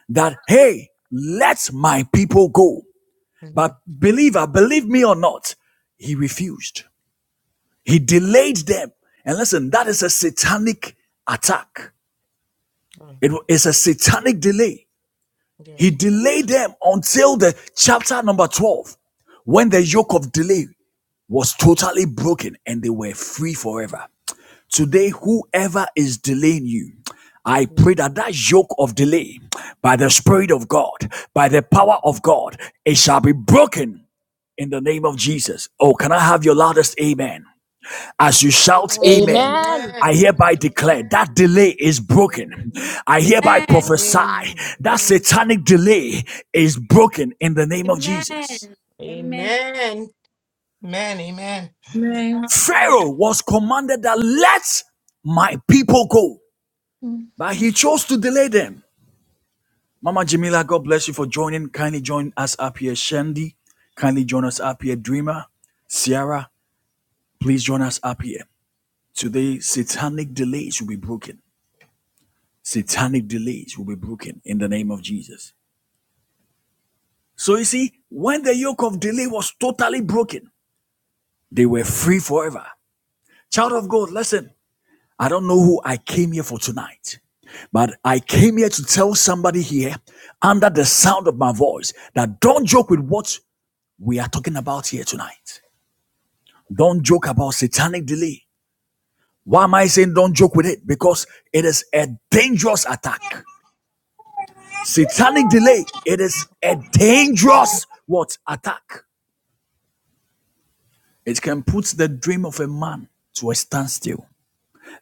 that, hey, let my people go. Mhm. But believer, believe me or not, he refused. He delayed them. And listen, that is a satanic attack. Mm. It is a satanic delay. Yes. He delayed them until the chapter number 12 when the yoke of delay was totally broken and they were free forever. Amen. Today, whoever is delaying you, I Amen. pray that that yoke of delay by the Spirit of God, by the power of God, it shall be broken in the name of Jesus. Oh, can I have your loudest amen? As you shout amen, Amen. I hereby declare that delay is broken. Amen. I hereby Amen. prophesy that satanic delay is broken in the name of Jesus. Amen. Amen. Amen. Amen. Amen. Pharaoh was commanded that let my people go, Mm. but he chose to delay them. Mama Jamila, God bless you for joining. Kindly join us up here, Shandy. Kindly join us up here, Dreamer. Sierra, please join us up here. Today, satanic delays will be broken. Satanic delays will be broken in the name of Jesus. So you see, when the yoke of delay was totally broken, they were free forever. Child of God, listen. I don't know who I came here for tonight, but I came here to tell somebody here under the sound of my voice that don't joke with what we are talking about here tonight. Don't joke about satanic delay. Why am I saying don't joke with it? Because it is a dangerous attack. Satanic delay, it is a dangerous what attack. It can put the dream of a man to a standstill.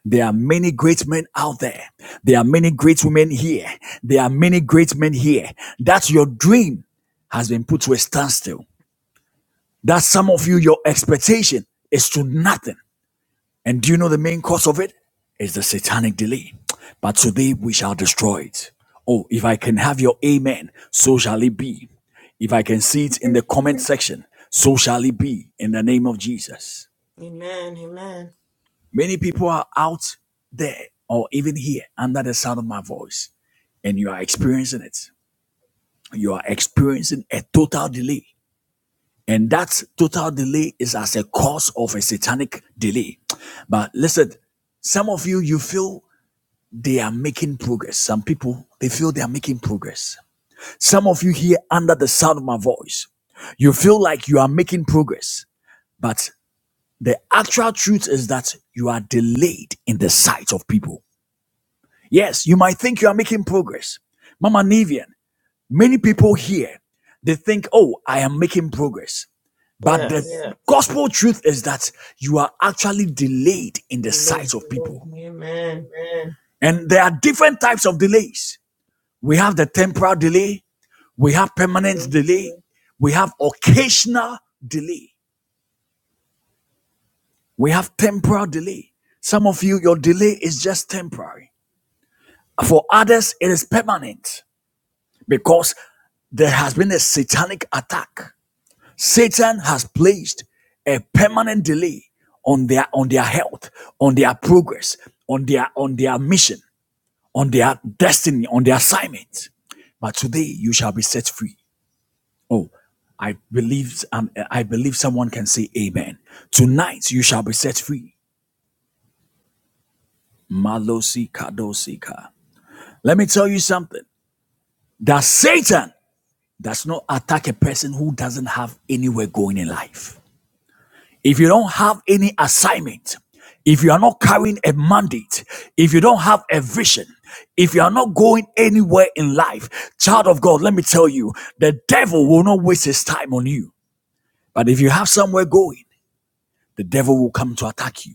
There are many great men out there. There are many great women here. There are many great men here. That your dream has been put to a standstill. That some of you, your expectation is to nothing. And do you know the main cause of it? Is the satanic delay. But today we shall destroy it. Oh, if I can have your amen, so shall it be. If I can see it in the comment section, so shall it be in the name of Jesus. Amen. Amen. Many people are out there or even here under the sound of my voice, and you are experiencing it. You are experiencing a total delay. And that total delay is as a cause of a satanic delay. But listen, some of you, you feel they are making progress. Some people, they feel they are making progress. Some of you here under the sound of my voice, you feel like you are making progress. But the actual truth is that you are delayed in the sight of people. Yes, you might think you are making progress. Mama Nivian, many people here, they think, oh, I am making progress. But the Yes. Yeah. gospel truth is that you are actually delayed in the sight Amen. of people. Amen. Amen. And there are different types of delays. We have the temporal delay, we have permanent Amen. delay, we have occasional delay, we have temporal delay. Some of you, your delay is just temporary. For others, it is permanent. because there has been a satanic attack. Satan has placed a permanent delay on their on their health, on their progress, on their on their mission, on their destiny, on their assignment. But today you shall be set free. Oh, I believe um, I believe someone can say amen. Tonight you shall be set free. Malosi kadosika. Let me tell you something. That Satan does not attack a person who doesn't have anywhere going in life. If you don't have any assignment, if you are not carrying a mandate, if you don't have a vision, if you are not going anywhere in life, child of God, let me tell you, the devil will not waste his time on you. But if you have somewhere going, the devil will come to attack you.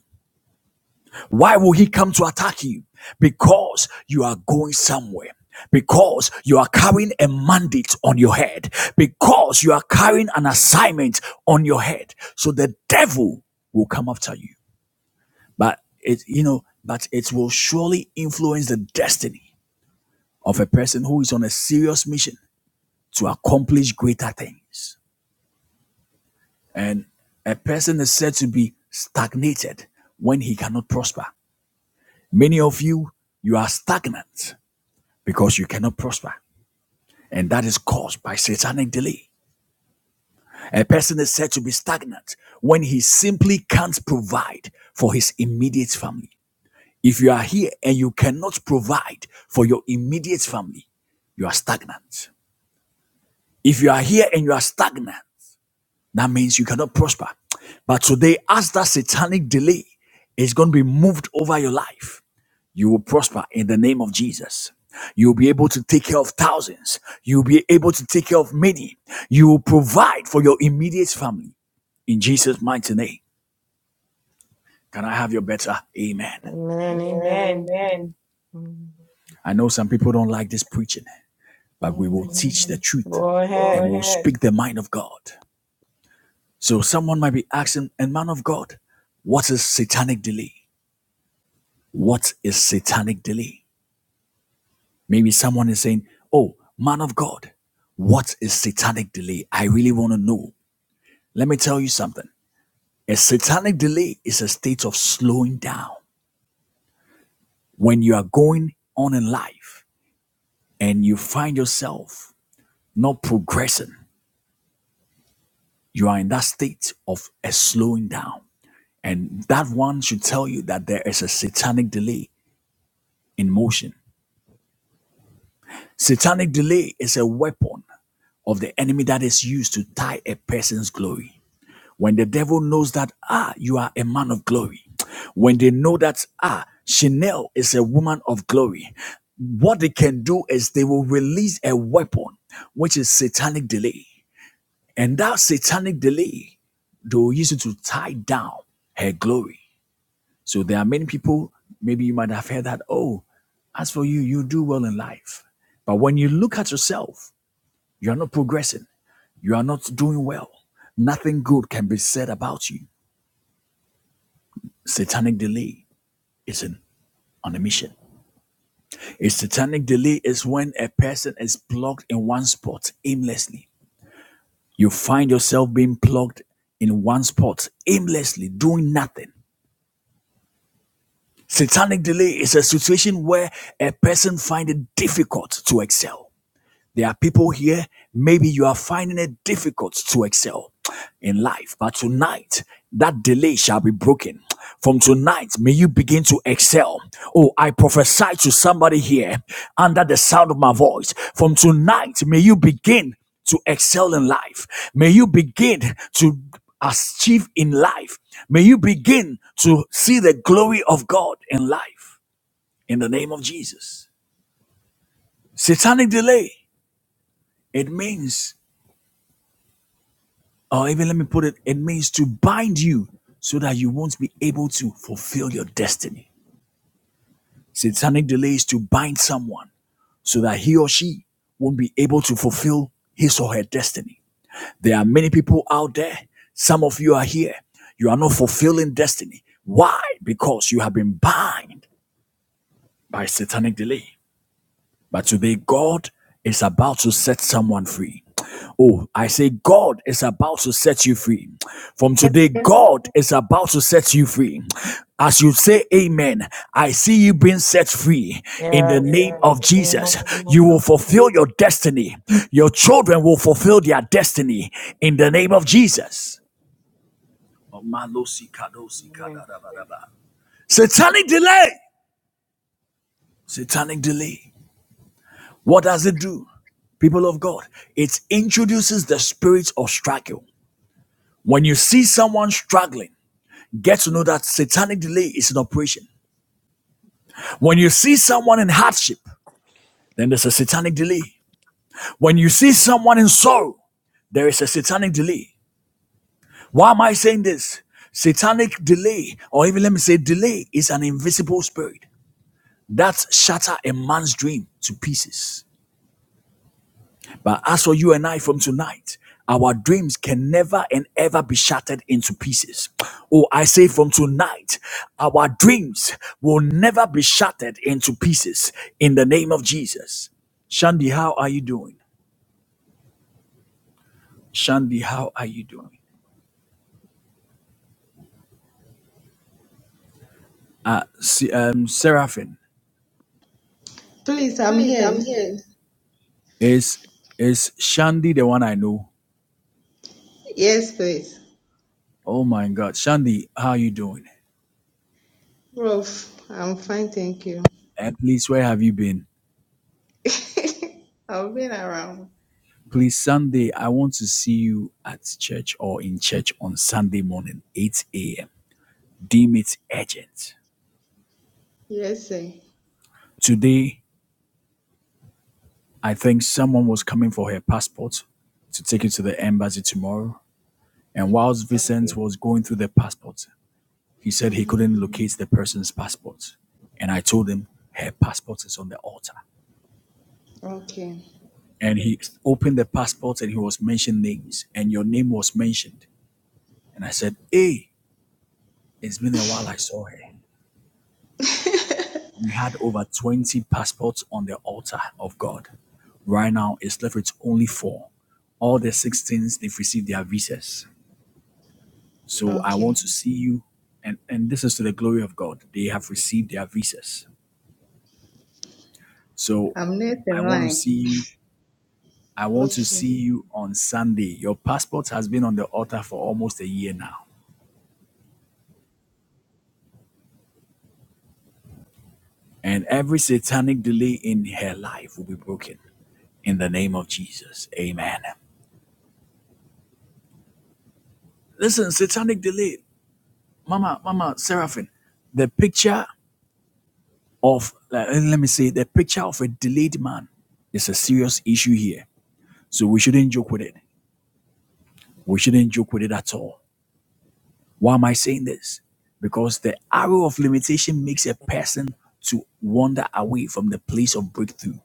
Why will he come to attack you? Because you are going somewhere. Because you are carrying a mandate on your head. Because you are carrying an assignment on your head. So the devil will come after you. But it, you know, but it will surely influence the destiny of a person who is on a serious mission to accomplish greater things. And a person is said to be stagnated when he cannot prosper. Many of you, you are stagnant because you cannot prosper. And that is caused by satanic delay. A person is said to be stagnant when he simply can't provide for his immediate family. If you are here and you cannot provide for your immediate family, you are stagnant. If you are here and you are stagnant, that means you cannot prosper. But today, as that satanic delay is going to be moved over your life, You will prosper in the name of Jesus. You'll be able to take care of thousands. You'll be able to take care of many. You will provide for your immediate family. In Jesus' mighty name. Can I have your better? Amen. Amen. Amen. Amen. I know some people don't like this preaching, but we will Amen. teach the truth Go and ahead. we'll speak the mind of God. So someone might be asking, and man of God, what is satanic delay? What is satanic delay? Maybe someone is saying, Oh, man of God, what is satanic delay? I really want to know. Let me tell you something. A satanic delay is a state of slowing down when you are going on in life and you find yourself not progressing. You are in that state of a slowing down. And that one should tell you that there is a satanic delay in motion. Satanic delay is a weapon of the enemy that is used to tie a person's glory. When the devil knows that, ah, you are a man of glory. When they know that, ah, Chanel is a woman of glory. What they can do is they will release a weapon, which is satanic delay. And that satanic delay, they will use it to tie down her glory. So there are many people, maybe you might have heard that, oh, as for you, you do well in life. But when you look at yourself, you are not progressing. You are not doing well. Nothing good can be said about you. Satanic delay is an, on a mission. A satanic delay is when a person is blocked in one spot aimlessly. You find yourself being blocked in one spot aimlessly, doing nothing. Satanic delay is a situation where a person finds it difficult to excel. There are people here, maybe you are finding it difficult to excel in life, but tonight that delay shall be broken. From tonight, may you begin to excel. Oh, I prophesy to somebody here under the sound of my voice. From tonight, may you begin to excel in life. May you begin to achieve in life. May you begin to see the glory of God in life. In the name of Jesus. Satanic delay, it means or even let me put it, it means to bind you so that you won't be able to fulfill your destiny. Satanic delay is to bind someone so that he or she won't be able to fulfill his or her destiny. There are many people out there. Some of you are here. You are not fulfilling destiny. Why? Because you have been bound by satanic delay. But today, God is about to set someone free. Oh, I say, God is about to set you free. From today, God is about to set you free. As you say amen, I see you being set free in the Yes. name of Amen. Jesus. You will fulfill your destiny. Your children will fulfill their destiny in the name of Jesus. Satanic delay, satanic delay. What does it do? People of God, it introduces the spirit of struggle. When you see someone struggling, get to know that satanic delay is in operation. When you see someone in hardship, then there's a satanic delay. When you see someone in sorrow, there is a satanic delay. Why am I saying this? Satanic delay, or even let me say delay, is an invisible spirit that shatters a man's dream to pieces. But as for you and I from tonight, our dreams can never and ever be shattered into pieces. Oh, I say from tonight, our dreams will never be shattered into pieces in the name of Jesus. Shandy, how are you doing? Shandy, how are you doing? Uh, Se- um, Seraphim, Please, I'm Please, here. I'm here. is is Shandy the one I know? Yes, please. Oh my God, Shandy, how are you doing? Rolf, I'm fine, thank you. And please, where have you been? I've been around. Please, Sunday, I want to see you at church or in church on Sunday morning, 8 a.m. Deem it urgent. Yes, sir. Today, I think someone was coming for her passport to take it to the embassy tomorrow. And whilst Vincent Okay. was going through the passport, he said he Mm-hmm. couldn't locate the person's passport. And I told him her passport is on the altar. Okay. And he opened the passport and he was mentioning names, and your name was mentioned. And I said, Hey, it's been a while I saw her. We had over 20 passports on the altar of God. Right now, it's left with only four. All the 16s, they've received their visas. So I okay. want to see you. And, and this is to the glory of God. They have received their visas. So I'm next I in want to line. see you. I want to Okay. see you on Sunday. Your passport has been on the altar for almost a year now. And every satanic delay in her life will be broken in the name of Jesus. Amen. Listen, satanic delay, Mama, Mama Seraphim, the picture of uh, let me say the picture of a delayed man is a serious issue here. So we shouldn't joke with it. We shouldn't joke with it at all. Why am I saying this? Because the arrow of limitation makes a person to wander away from the place of breakthrough.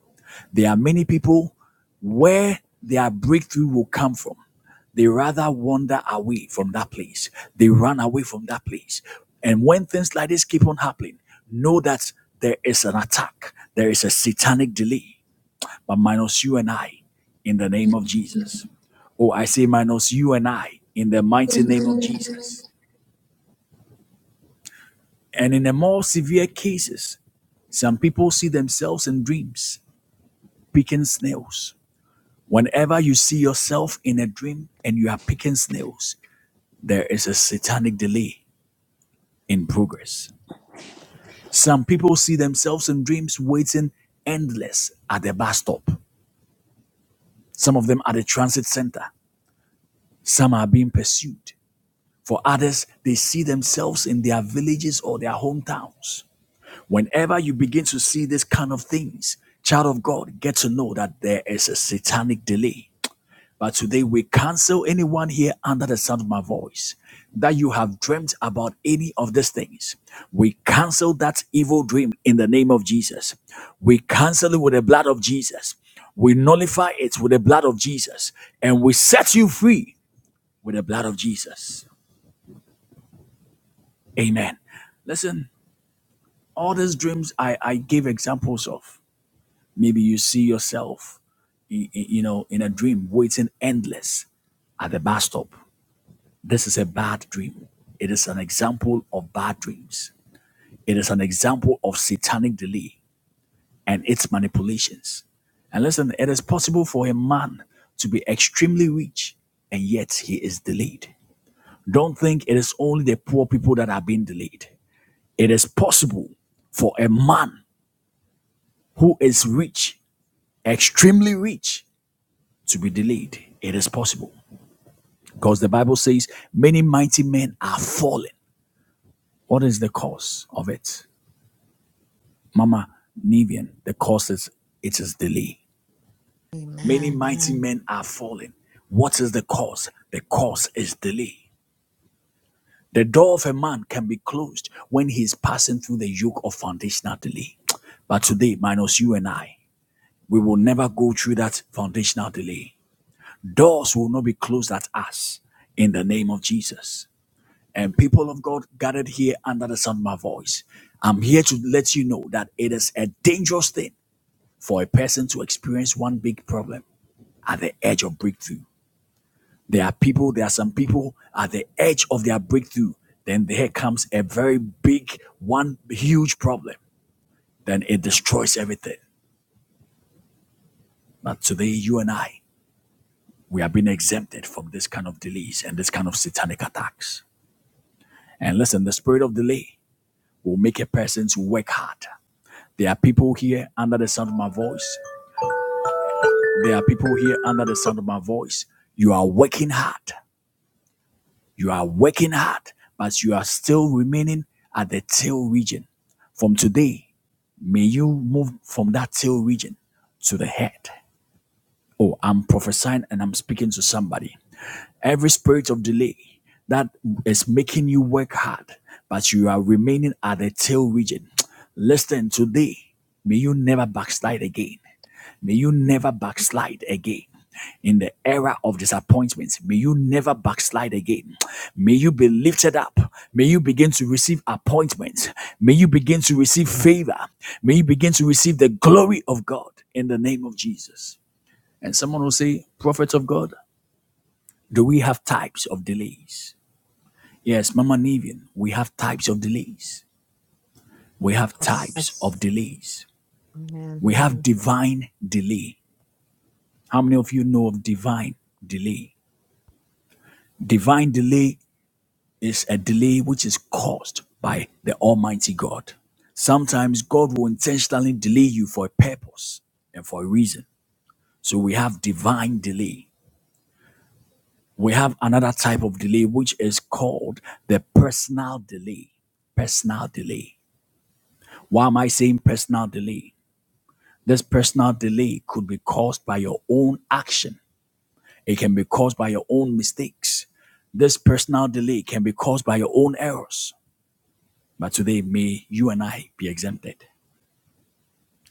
There are many people where their breakthrough will come from. They rather wander away from that place. They run away from that place. And when things like this keep on happening, know that there is an attack, there is a satanic delay, but minus you and I in the name of Jesus. Oh, I say minus you and I in the mighty name of Amen. Jesus. And in the more severe cases, some people see themselves in dreams picking snails. Whenever you see yourself in a dream and you are picking snails, there is a satanic delay in progress. Some people see themselves in dreams waiting endless at the bus stop, some of them at the transit center, some are being pursued. For others, they see themselves in their villages or their hometowns. Whenever you begin to see this kind of things, child of God, get to know that there is a satanic delay. But today we cancel anyone here under the sound of my voice that you have dreamt about any of these things. We cancel that evil dream in the name of Jesus. We cancel it with the blood of Jesus. We nullify it with the blood of Jesus. And we set you free with the blood of Jesus. Amen. Listen, all these dreams I, I gave examples of. Maybe you see yourself, you know, in a dream waiting endless at the bus stop. This is a bad dream. It is an example of bad dreams. It is an example of satanic delay and its manipulations. And listen, it is possible for a man to be extremely rich and yet he is delayed. Don't think it is only the poor people that are being delayed. It is possible for a man who is rich, extremely rich, to be delayed. It is possible. Because the Bible says many mighty men are fallen. What is the cause of it? Mama Nivian, the cause is it is delay. Many Amen. mighty men are fallen. What is the cause? The cause is delay. The door of a man can be closed when he is passing through the yoke of foundational delay. But today, minus you and I, we will never go through that foundational delay. Doors will not be closed at us in the name of Jesus. And people of God gathered here under the sound of my voice, I'm here to let you know that it is a dangerous thing for a person to experience one big problem at the edge of breakthrough. There are people, there are some people at the edge of their breakthrough. Then there comes a very big, one huge problem. Then it destroys everything. But today, you and I, we have been exempted from this kind of delays and this kind of satanic attacks. And listen, the spirit of delay will make a person to work hard. There are people here under the sound of my voice. There are people here under the sound of my voice. You are working hard. You are working hard, but you are still remaining at the tail region. From today, may you move from that tail region to the head. Oh, I'm prophesying and I'm speaking to somebody. Every spirit of delay that is making you work hard, but you are remaining at the tail region. Listen today. May you never backslide again. May you never backslide again. In the era of disappointments. may you never backslide again. May you be lifted up. May you begin to receive appointments. May you begin to receive favor. May you begin to receive the glory of God in the name of Jesus. And someone will say, Prophet of God, do we have types of delays? Yes, Mama Nivian, we have types of delays. We have Yes. types Yes. of delays. Amen. We have Mm. divine delay. How many of you know of divine delay? Divine delay is a delay which is caused by the Almighty God. Sometimes God will intentionally delay you for a purpose and for a reason. So we have divine delay. We have another type of delay which is called the personal delay. Personal delay. Why am I saying personal delay? This personal delay could be caused by your own action. It can be caused by your own mistakes. This personal delay can be caused by your own errors But today, may you and I be exempted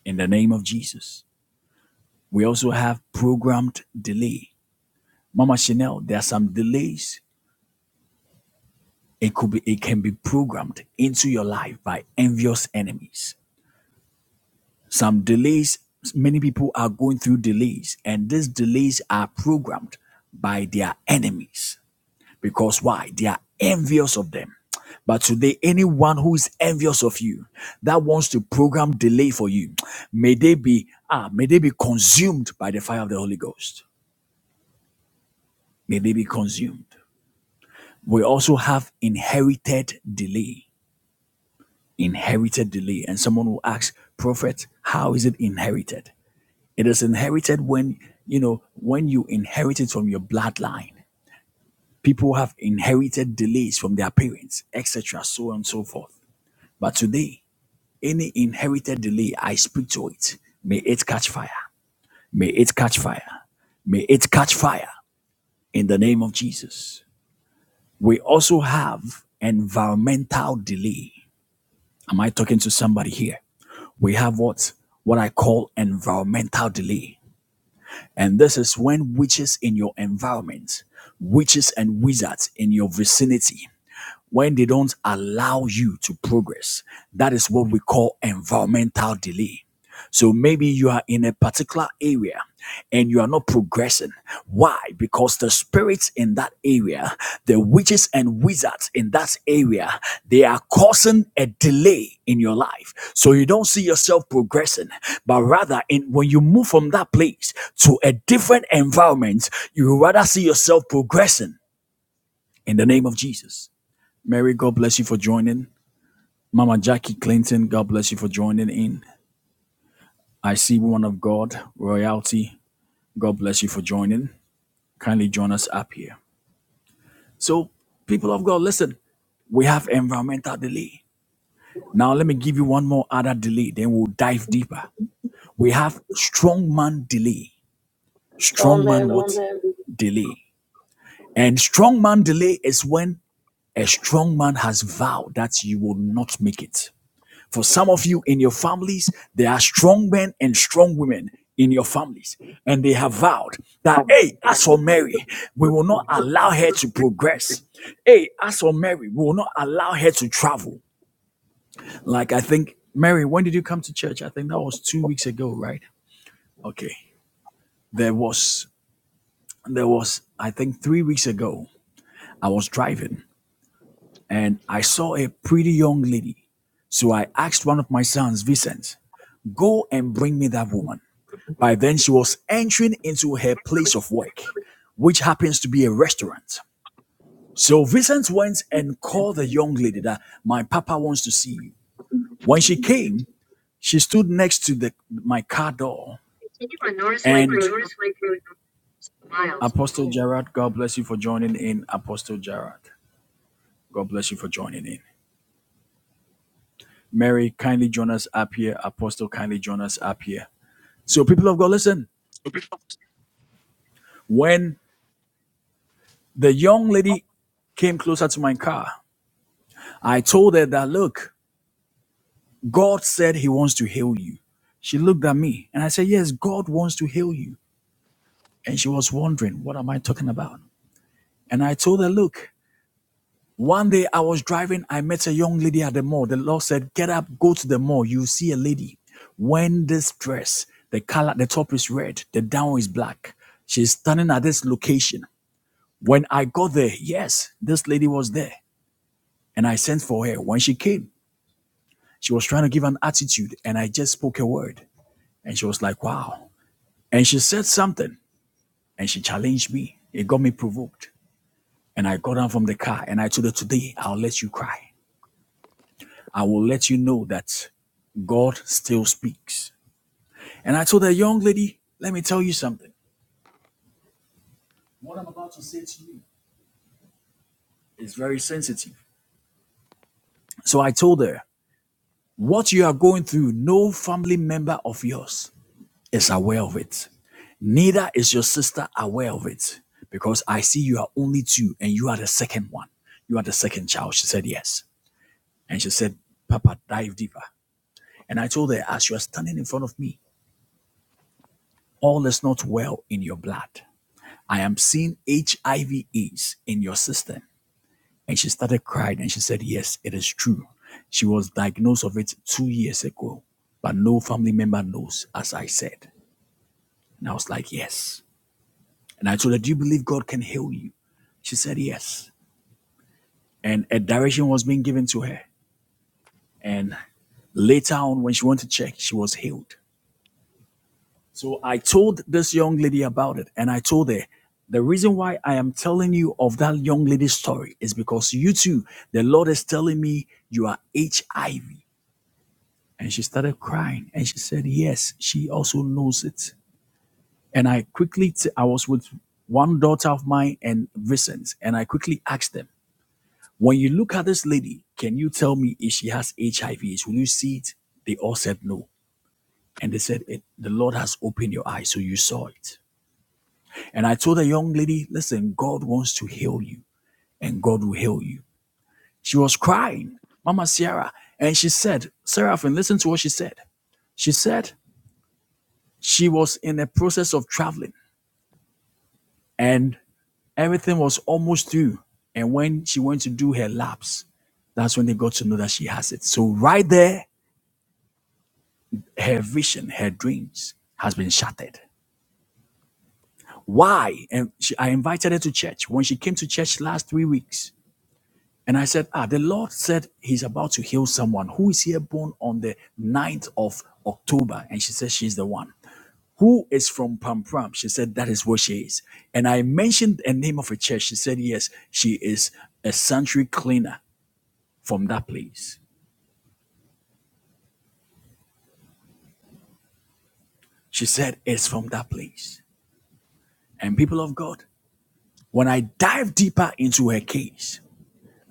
in the name of Jesus. We also have programmed delay. Mama Chanel, there are some delays. It could be, it can be programmed into your life by envious enemies. Some delays, many people are going through delays, and these delays are programmed by their enemies because why? They are envious of them. But today, anyone who is envious of you, that wants to program delay for you, may they be ah, may they be consumed by the fire of the Holy Ghost. May they be consumed. We also have inherited delay. Inherited delay. And someone will ask, Prophet, how is it inherited? It is inherited when you know when you inherit it from your bloodline people have inherited delays from their parents, etc., so on and so forth. But today, any inherited delay, I speak to it. May it catch fire. May it catch fire. May it catch fire in the name of Jesus. We also have environmental delay. Am I talking to somebody here? We have what? What I call environmental delay. And this is when witches in your environment, witches and wizards in your vicinity, when they don't allow you to progress. That is what we call environmental delay. So maybe you are in a particular area and you are not progressing. Why? Because the spirits in that area, the witches and wizards in that area, they are causing a delay in your life. So you don't see yourself progressing, but rather in when you move from that place to a different environment, you rather see yourself progressing in the name of Jesus. Mary, God bless you for joining. Mama Jackie Clinton, God bless you for joining in. I see woman of God, royalty, God bless you for joining. Kindly join us up here. So, people of God, listen, we have environmental delay. Now, let me give you one more other delay, then we'll dive deeper. We have strong man delay. So Strong man amen. what? Delay. And strong man delay is when a strong man has vowed that you will not make it. For some of you in your families, there are strong men and strong women in your families. And they have vowed that, hey, as for Mary, we will not allow her to progress. Hey, as for Mary, we will not allow her to travel. Like, I think, Mary, when did you come to church? I think that was two weeks ago, right? Okay. There was, there was, I think three weeks ago, I was driving and I saw a pretty young lady so I asked one of my sons, Vincent, go and bring me that woman. By then, she was entering into her place of work, which happens to be a restaurant. So Vincent went and called the young lady that my papa wants to see you. When she came, she stood next to the my car door and Apostle Gerard, God bless you for joining in. Apostle Gerard, God bless you for joining in. Mary, kindly join us up here. Apostle, kindly join us up here. So, people of God, listen. When the young lady came closer to my car, I told her that, look, God said he wants to heal you. She looked at me and I said, Yes, God wants to heal you. And she was wondering, What am I talking about? And I told her, Look, one day I was driving, I met a young lady at the mall. The Lord said, Get up, go to the mall. You see a lady. When this dress, the color, the top is red, the down is black. She's standing at this location. When I got there, yes, this lady was there. And I sent for her. When she came, she was trying to give an attitude, and I just spoke a word. And she was like, Wow. And she said something and she challenged me. It got me provoked. And I got down from the car and I told her, Today, I'll let you cry. I will let you know that God still speaks. And I told her, Young lady, let me tell you something. What I'm about to say to you is very sensitive. So I told her, What you are going through, no family member of yours is aware of it. Neither is your sister aware of it because I see you are only two and you are the second one. You are the second child. She said, Yes. And she said, Papa, dive deeper. And I told her, as you are standing in front of me, all is not well in your blood. I am seeing HIV AIDS in your system. And she started crying and she said, Yes, it is true. She was diagnosed of it two years ago, but no family member knows, as I said. And I was like, Yes. And I told her, Do you believe God can heal you? She said, Yes. And a direction was being given to her. And later on, when she went to check, she was healed. So I told this young lady about it, and I told her the reason why I am telling you of that young lady's story is because you too, the Lord is telling me you are HIV. And she started crying, and she said, Yes, she also knows it. And I quickly, t- I was with one daughter of mine and Vincent, and I quickly asked them, When you look at this lady, can you tell me if she has HIV? Will you see it? They all said no. And they said, it, The Lord has opened your eyes, so you saw it. And I told the young lady, listen, God wants to heal you and God will heal you. She was crying, Mama Sierra. And she said, Seraphim, listen to what she said. She said she was in the process of traveling and everything was almost through. And when she went to do her laps, that's when they got to know that she has it. So right there, her vision, her dreams has been shattered. Why? And she, I invited her to church. When she came to church last three weeks, And I said, Ah, the Lord said he's about to heal someone who is here born on the ninth of October. And she said, She's the one. Who is from Pam Pam? She said, That is what she is. And I mentioned a name of a church. She said, Yes, she is a sanctuary cleaner from that place. She said, It's from that place. And people of God, when I dive deeper into her case,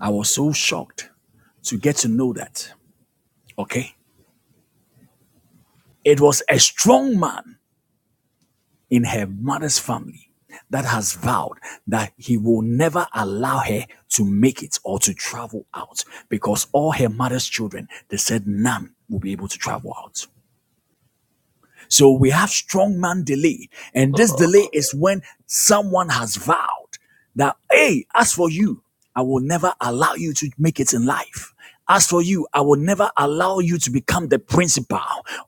I was so shocked to get to know that, okay? It was a strong man in her mother's family that has vowed that he will never allow her to make it or to travel out because all her mother's children, they said none will be able to travel out. So we have strong man delay. And this delay is when someone has vowed that, hey, as for you, I will never allow you to make it in life. As for you, I will never allow you to become the principal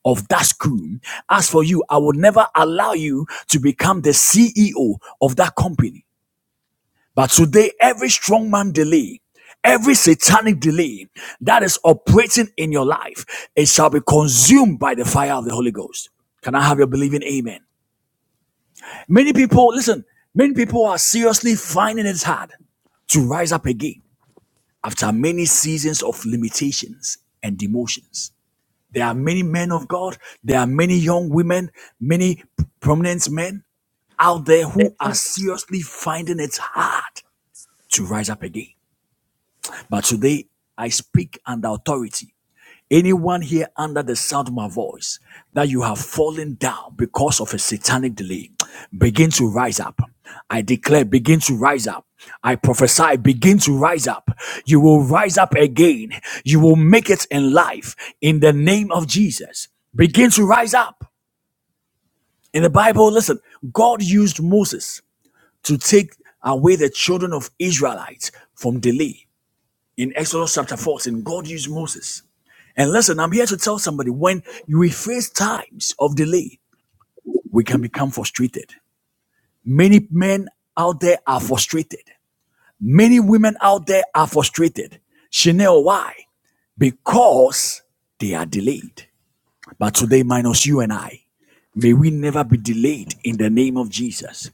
of that school. As for you, I will never allow you to become the CEO of that company. But today, every strong man delay, every satanic delay that is operating in your life, it shall be consumed by the fire of the Holy Ghost. Can I have your believing amen? Many people, listen, many people are seriously finding it hard to rise up again after many seasons of limitations and demotions. There are many men of God, there are many young women, many prominent men out there who are seriously finding it hard to rise up again. But today, I speak under authority. Anyone here under the sound of my voice that you have fallen down because of a satanic delay, begin to rise up. I declare, begin to rise up. I prophesy, begin to rise up. You will rise up again. You will make it in life in the name of Jesus. Begin to rise up. In the Bible, listen, God used Moses to take away the children of Israelites from delay in Exodus chapter 14, God used Moses. And listen, I'm here to tell somebody when we face times of delay, we can become frustrated. Many men out there are frustrated. Many women out there are frustrated. Chanel, why? Because they are delayed. But today, minus you and I, may we never be delayed in the name of Jesus.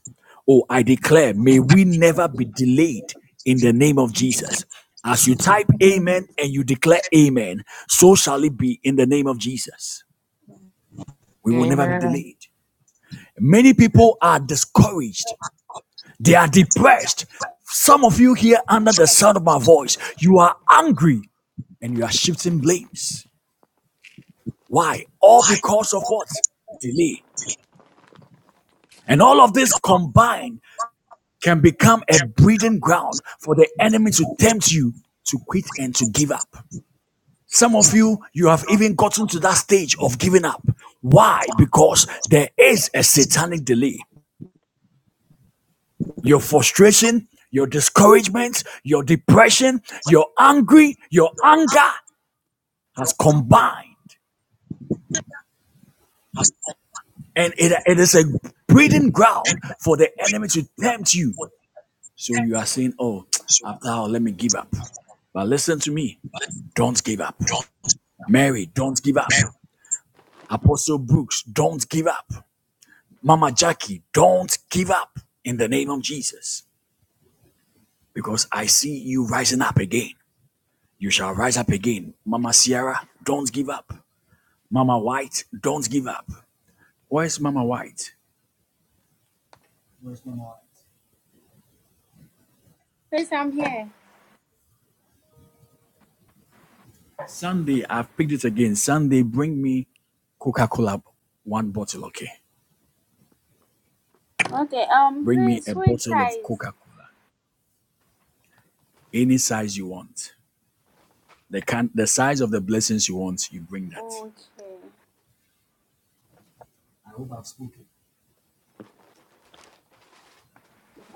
Oh, I declare, may we never be delayed in the name of Jesus. As you type amen and you declare amen, so shall it be in the name of Jesus. We will never be Amen. delayed. Many people are discouraged, they are depressed. Some of you here under the sound of my voice, you are angry and you are shifting blames. Why? All because of what? Delay And all of this combined can become a Yep. breeding ground for the enemy to tempt you to quit and to give up. Some of you, you have even gotten to that stage of giving up. Why? Because there is a satanic delay. Your frustration, your discouragement, your depression, your angry, your anger has combined. And it, it is a breeding ground for the enemy to tempt you So you are saying, oh, So after all, let me give up. But listen to me. Don't give up. don't Mary, don't give up. Apostle Brooks, don't give up. Mama Jackie, don't give up in the name of Jesus. Because I see you rising up again. You shall rise up again. Mama Sierra, don't give up. Mama White, don't give up. Where's Mama White? Where's Mama? White? Please, I'm here. Sunday, I've picked it again. Sunday, bring me Coca Cola, one bottle, okay? Okay. Um, Bring me please a switch bottle of sides. Coca Cola, any size you want. The can, the size of the blessings you want, you bring that. Okay. I hope I've spoken.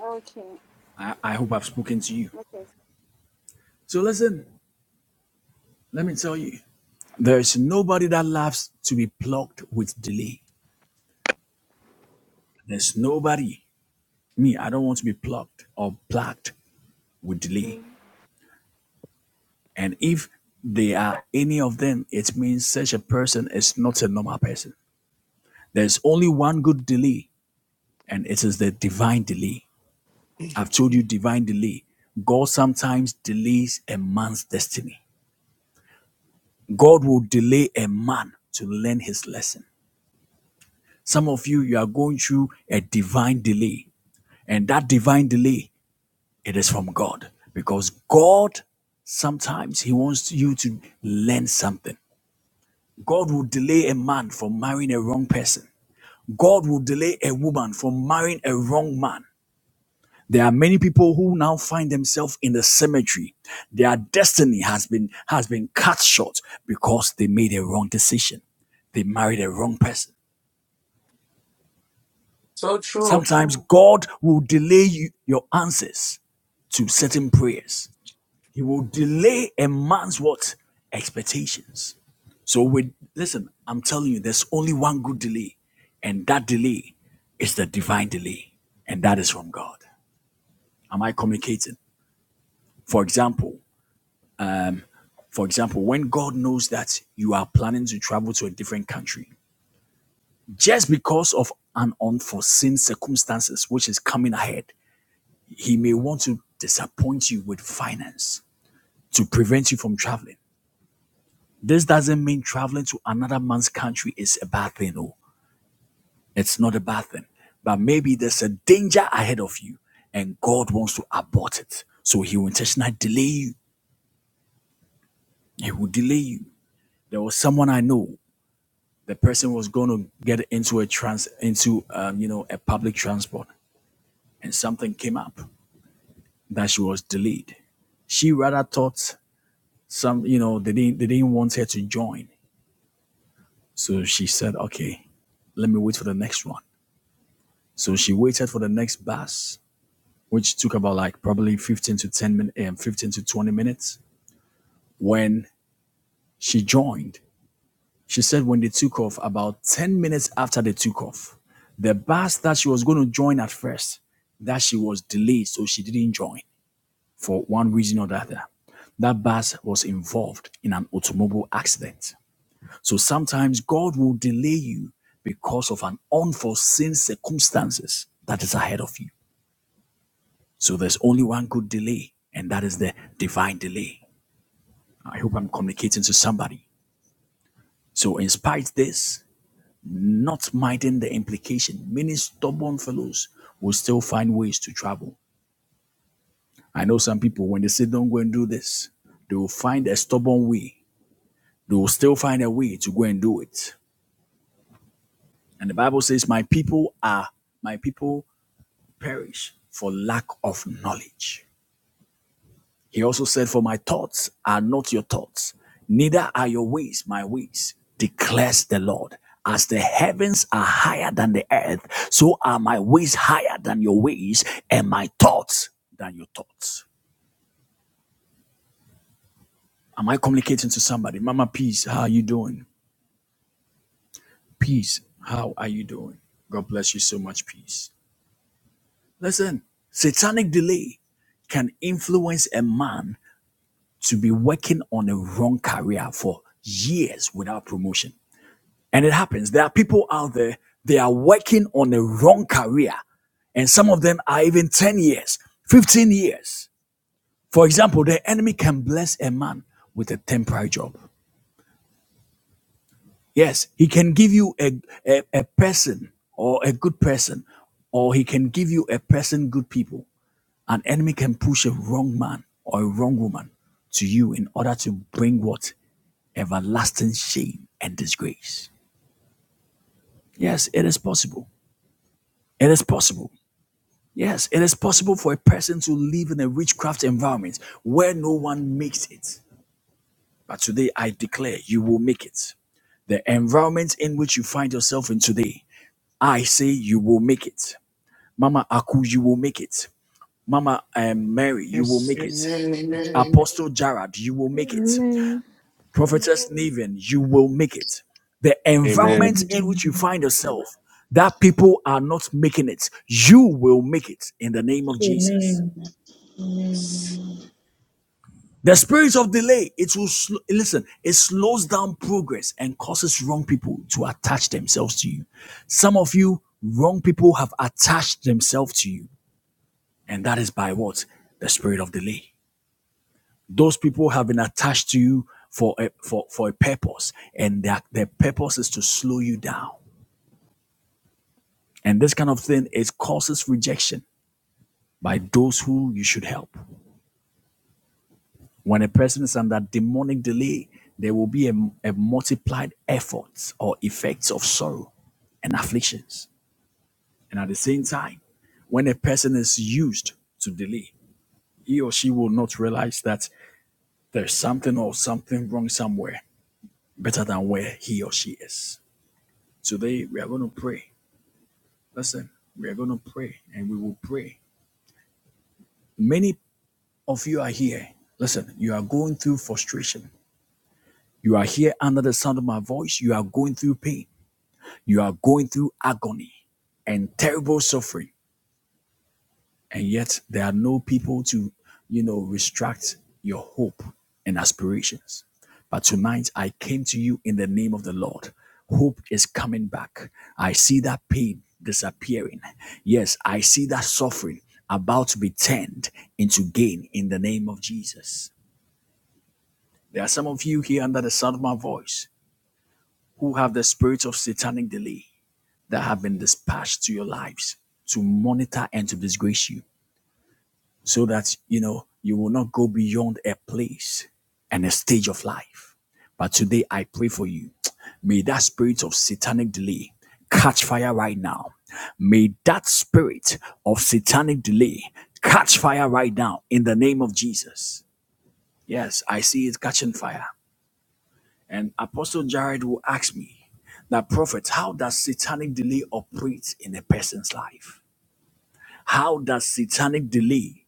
Okay. I, I hope I've spoken to you. Okay. So listen, let me tell you, there's nobody that loves to be plucked with delay. There's nobody. Me, I don't want to be plucked or plucked with delay. Mm. And if there are any of them, it means such a person is not a normal person. There's only one good delay, and it is the divine delay. I've told you divine delay. God sometimes delays a man's destiny. God will delay a man to learn his lesson. Some of you, you are going through a divine delay. And that divine delay, it is from God. Because God, sometimes He wants you to learn something. God will delay a man from marrying a wrong person. God will delay a woman from marrying a wrong man. There are many people who now find themselves in the cemetery. Their destiny has been has been cut short because they made a wrong decision. They married a wrong person. So true. Sometimes God will delay you, your answers to certain prayers. He will delay a man's what expectations. So with listen, I'm telling you, there's only one good delay, and that delay is the divine delay, and that is from God. Am I communicating? For example, For example, when God knows that you are planning to travel to a different country, just because of an unforeseen circumstances which is coming ahead, he may want to disappoint you with finance to prevent you from traveling. This doesn't mean traveling to another man's country is a bad thing. No, it's not a bad thing. But maybe there's a danger ahead of you and God wants to abort it. So he will intentionally delay you. He will delay you. There was someone I know the person was going to get into a trans into um, you know a public transport and something came up that she was delayed she rather thought some you know they didn't they didn't want her to join so she said okay let me wait for the next one so she waited for the next bus which took about like probably 15 to 10 minutes um, 15 to 20 minutes when she joined She said when they took off, about 10 minutes after they took off, the bus that she was going to join at first, that she was delayed, so she didn't join for one reason or the other. That bus was involved in an automobile accident. So sometimes God will delay you because of an unforeseen circumstances that is ahead of you. So there's only one good delay, and that is the divine delay. I hope I'm communicating to somebody. So, in spite of this, not minding the implication. Many stubborn fellows will still find ways to travel. I know some people, when they say, don't go and do this, they will find a stubborn way. They will still find a way to go and do it. And the Bible says, my people are, my people perish for lack of knowledge. He also said, For my thoughts are not your thoughts, neither are your ways my ways, declares the Lord. As the heavens are higher than the earth, so are my ways higher than your ways, and my thoughts than your thoughts. Am I communicating to somebody? Mama, peace. How are you doing? Peace. How are you doing? God bless you so much. Peace. Listen, satanic delay can influence a man to be working on a wrong career for years without promotion. And it happens. There are people out there, they are working on a wrong career. And some of them are even 10 years, 15 years. For example, the enemy can bless a man with a temporary job. Yes, he can give you a, a, a person or a good person, or he can give you a person, good people. An enemy can push a wrong man or a wrong woman to you in order to bring what? Everlasting shame and disgrace. Yes, it is possible. It is possible. Yes, it is possible for a person to live in a witchcraft environment where no one makes it. But today I declare you will make it. The environment in which you find yourself in today, I say you will make it. Mama Aku, you will make it. Mama um, Mary, you will Yes. make it. Yes. Amen. Apostle Jared, you will make it. Amen. Prophetess Naven, you will make it. The Amen. Amen. environment in which you Amen. find yourself, that people are not making it, you will make it in the name of Jesus. Amen. Amen. The spirit of delay, it will sl- listen, it slows down progress and causes wrong people to attach themselves to you. Some of you, wrong people have attached themselves to you, and that is by what? The spirit of delay. Those people have been attached to you for a, for, for a purpose, and their, their purpose is to slow you down. And this kind of thing, it causes rejection by those who you should help. When a person is under demonic delay, there will be a, a multiplied effort or effects of sorrow and afflictions. And at the same time, when a person is used to delay, he or she will not realize that there's something or something wrong somewhere better than where he or she is. Today, we are going to pray. Listen, we are going to pray and we will pray. Many of you are here. Listen, you are going through frustration. You are here under the sound of my voice. You are going through pain You are going through agony and terrible suffering, and yet there are no people to, you know, restrict your hope and aspirations. But tonight I came to you in the name of the Lord. Hope is coming back. I see that pain disappearing. Yes, I see that suffering about to be turned into gain in the name of Jesus. There are some of you here under the sound of my voice who have the spirit of satanic delay. that have been dispatched to your lives to monitor and to disgrace you so that you know you will not go beyond a place and a stage of life but today i pray for you may that spirit of satanic delay catch fire right now may that spirit of satanic delay catch fire right now in the name of jesus yes i see it catching fire and apostle jared will ask me that prophet how does satanic delay operate in a person's life How does satanic delay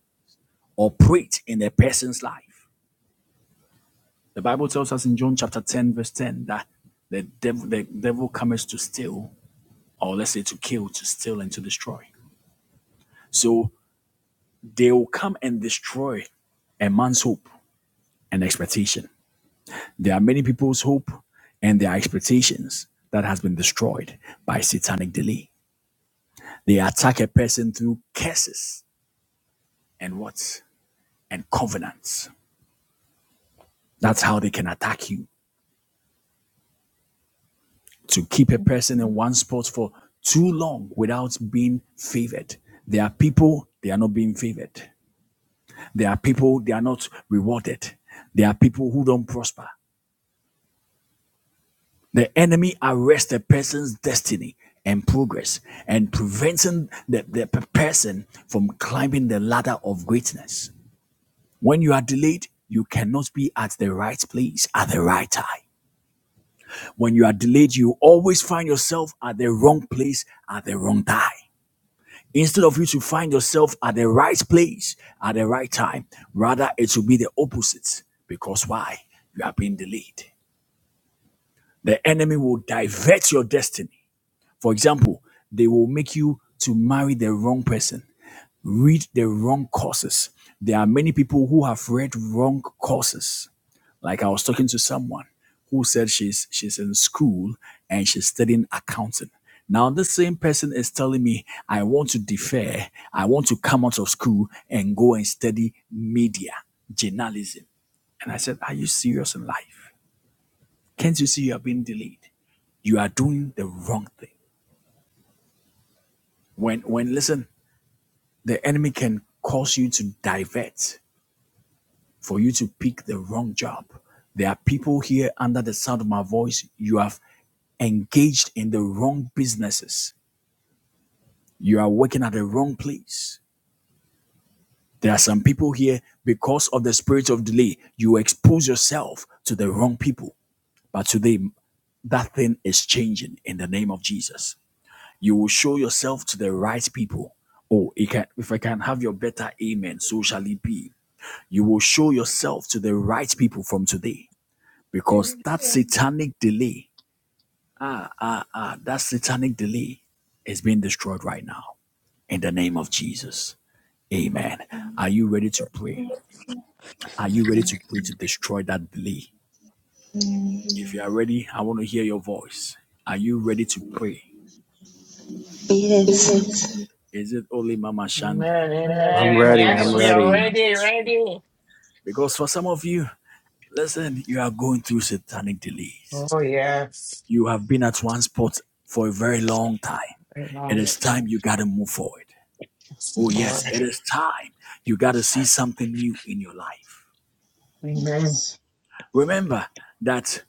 operate in a person's life? The Bible tells us in John chapter 10, verse 10, that the devil, the devil comes to steal, or let's say to kill, to steal, and to destroy. So they will come and destroy a man's hope and expectation. There are many people's hope and their expectations that has been destroyed by satanic delay. They attack a person through curses and what? And covenants. That's how they can attack you. to keep a person in one spot for too long without being favored. There are people, they are not being favored. There are people, they are not rewarded. There are people who don't prosper. The enemy arrests a person's destiny and progress and preventing the, the person from climbing the ladder of greatness. When you are delayed, you cannot be at the right place at the right time. When you are delayed, you always find yourself at the wrong place at the wrong time. instead of you to find yourself at the right place at the right time rather it will be the opposite because why you are being delayed the enemy will divert your destiny for example they will make you to marry the wrong person read the wrong courses there are many people who have read wrong courses like I was talking to someone who said she's she's in school and she's studying accounting. Now this same person is telling me I want to defer, I want to come out of school and go and study media journalism. And I said, Are you serious in life? Can't you see you are being delayed? You are doing the wrong thing. When when listen, the enemy can cause you to divert for you to pick the wrong job. There are people here under the sound of my voice. You have engaged in the wrong businesses. You are working at the wrong place. There are some people here, because of the spirit of delay, you expose yourself to the wrong people. But today, that thing is changing in the name of Jesus. You will show yourself to the right people. Oh, it can, if I can have your better amen, so shall it be. You will show yourself to the right people from today because that satanic delay, ah, ah, ah, that satanic delay is being destroyed right now. in the name of Jesus. Amen. Amen. Are you ready to pray? Are you ready to pray to destroy that delay? Amen. If you are ready, I want to hear your voice. Are you ready to pray? Yes. Yes. Is it only Mama Shandi? Amen, Amen. I'm amen. ready. Amen. I'm Yes, Mama we are ready. Sarah ready, is ready. ready. Because for some of you, listen, you are going through satanic delays. Oh, yes. You have been at one spot for a very long time. It Amen. is time you got to move forward. Yes, Oh, Lord. yes, it is time you got to see something new in your life. Amen. Remember that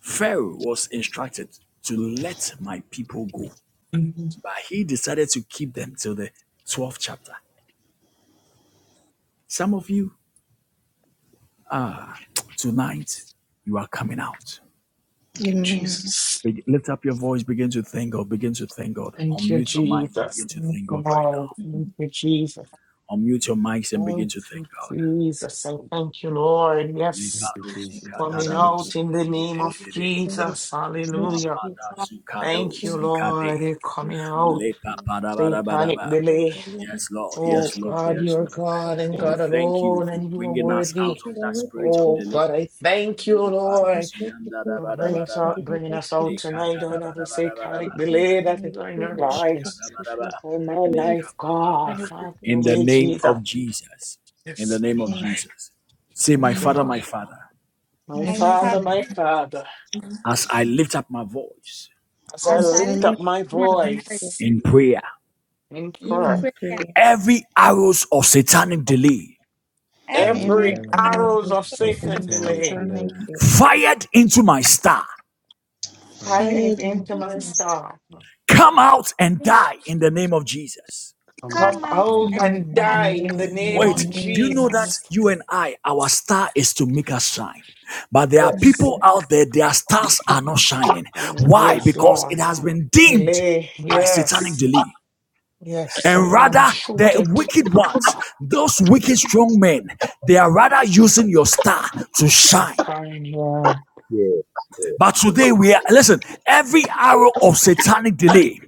Pharaoh was instructed to let my people go, Mhm. but he decided to keep them till the 12th chapter. Some of you, tonight, you are coming out. Thank you, Amen. Jesus. Be- lift up your voice, begin to thank God, begin to thank God. Thank you, Unmute your mics, Jesus. begin to Thank thank you, God right Lord. now. Thank you, Jesus. Unmute your mics and begin Thank to thank you, God. Jesus. And thank you, Lord. Thank Yes, you, Lepadosi Jesus. Thank coming you. Thank you. out kadadabosi in the name We of ndedededede. Thank you Jesus. for the search. Hallelujah. We Thank Mapadasu you Thank you, again. kadosi kade. Lord. You're We coming Thank out. you. Satanic Lepapadabadabadaba. for delay. your love. Yes, Lord. Thank Oh, Yes, you Lord. for God, your Yes, you're Lord. God and mercy. We God thank you alone, for and you are bringing We us worthy. out thank you of that that where spirit of people Oh God, delay. I pass in the thank you, accident, Lord, Leparos where yanda da for people ba da pass ba bringing us da ba. and out, they bringing never us out came Leka da tonight back da on ba every home. da ba da ba da We satanic ba. pass delay them, that is we on our came Lebo back shika home lives, da ba da ba. people. on my Every Leka life, pa pa pa. God. one of you Have a your In the way, chance of name Jesus. of Jesus. In Yes, the name Lord. of amen. Jesus. Say, My Thank you, Amen. Father, Lord. my Father, My My My My Father, father, Father, my my God, Father, as I lift up my voice as I as since I person I lift lift up lift my you my up voice voice in prayer, in is in prayer, in prayer, prayer, every arrows of satanic delay Every every every every era hour of arrows of of the day, Satan satanic delay, Satan, I delay, do. fired into my star, fire, Fire firing them into my to demon us. star, come out and demon die in the name of Jesus. come out come come and out out and burn Anytime, and die. die in the when in the you name are Name Wait, of name near me, do of you must be any time and in your name know and that life. Jesus. Jesus. you and I, our star is to make us shine? But there are Yes. people out there, their stars are not shining. Um, Why? yes, Because Lord. it has been dimmed Delay. by satanic Yes. delay. Yes. So And you want to rather, the shoot it. wicked ones, those wicked strong men, they are rather using your star to It's shine. fine. Yeah. Yes, yes. But today we are, listen, every arrow of satanic delay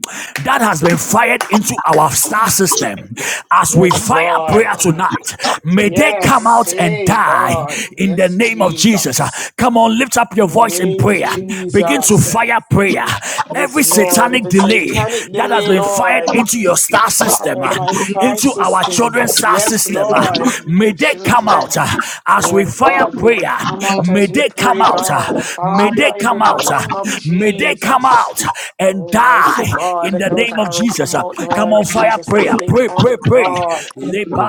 that has been fired into our star system, as we Yes, fire Lord. prayer tonight, may they come Yes. out and Hey, die God. in the Yes, name of Jesus. Uh, Jesus. Come on, lift up In your the voice in name of prayer. Begin to Jesus. fire prayer. Every Yes, Lord. satanic Every delay satanic that has delay, been fired Lord. into your star system, And uh, my star into our children's system. star Yes, system. uh, Lord. And my May they come children. out uh, as we Oh fire God, may they prayer. come out May as we they come pray, out. uh, God. May they Father, in the come out. uh, name of May they come Jesus. out and Almighty die God, in let the those name of arrows come Jesus. uh. out, Come Lord on, fire Jesus, as prayer. they Pray, fall, pray, pray. God.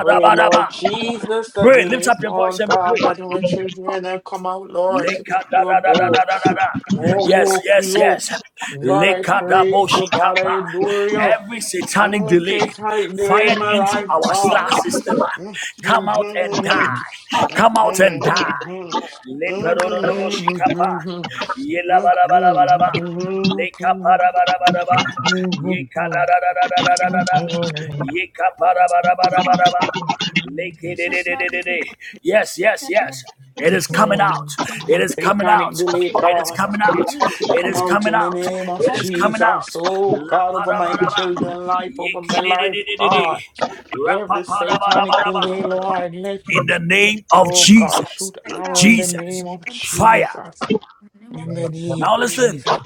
Pray, Lord Jesus, that Pray. they Lift may up your fall, voice and God, pray. that our children will come out, Lord, to Leka be da pure da da da gold. da da da da. Yes, Oh, yes, pure. yes. God, I Leka da bo praise shi you. God, I adore you. Every satanic of Mm, you delay take tight, delay fired my that into life, our God. star live in system. ah, the name Come out and die. of Come out and God. die. You come out and die. Leperododobo shikapa. You come Yela ba la ba la ba la ba. out and Lekaparabaraba, die. You come out and Satanic yekadadadadadadadada, die. yekaparabarabarabaraba, They Jesus, come out and die. lekededededede. Yes, yes, Feminine yes. It is Jesus. criticism. coming out. It is coming out. delay, It is God. coming out. Every Let it evil It come is man out coming in the out. name of It that's is using coming Jesus. out. Oh, La God, over my parabaraba. from children's life, over my life, our Yekededededede. God. Every satanic Rapaparabarabarabaraba. delay, Lord, let it, In the name power of to oh, God, Jesus. shoot come out of herself arrow in the Jesus. name of Fire. Jesus. in the name of In the name Now of listen. Jesus.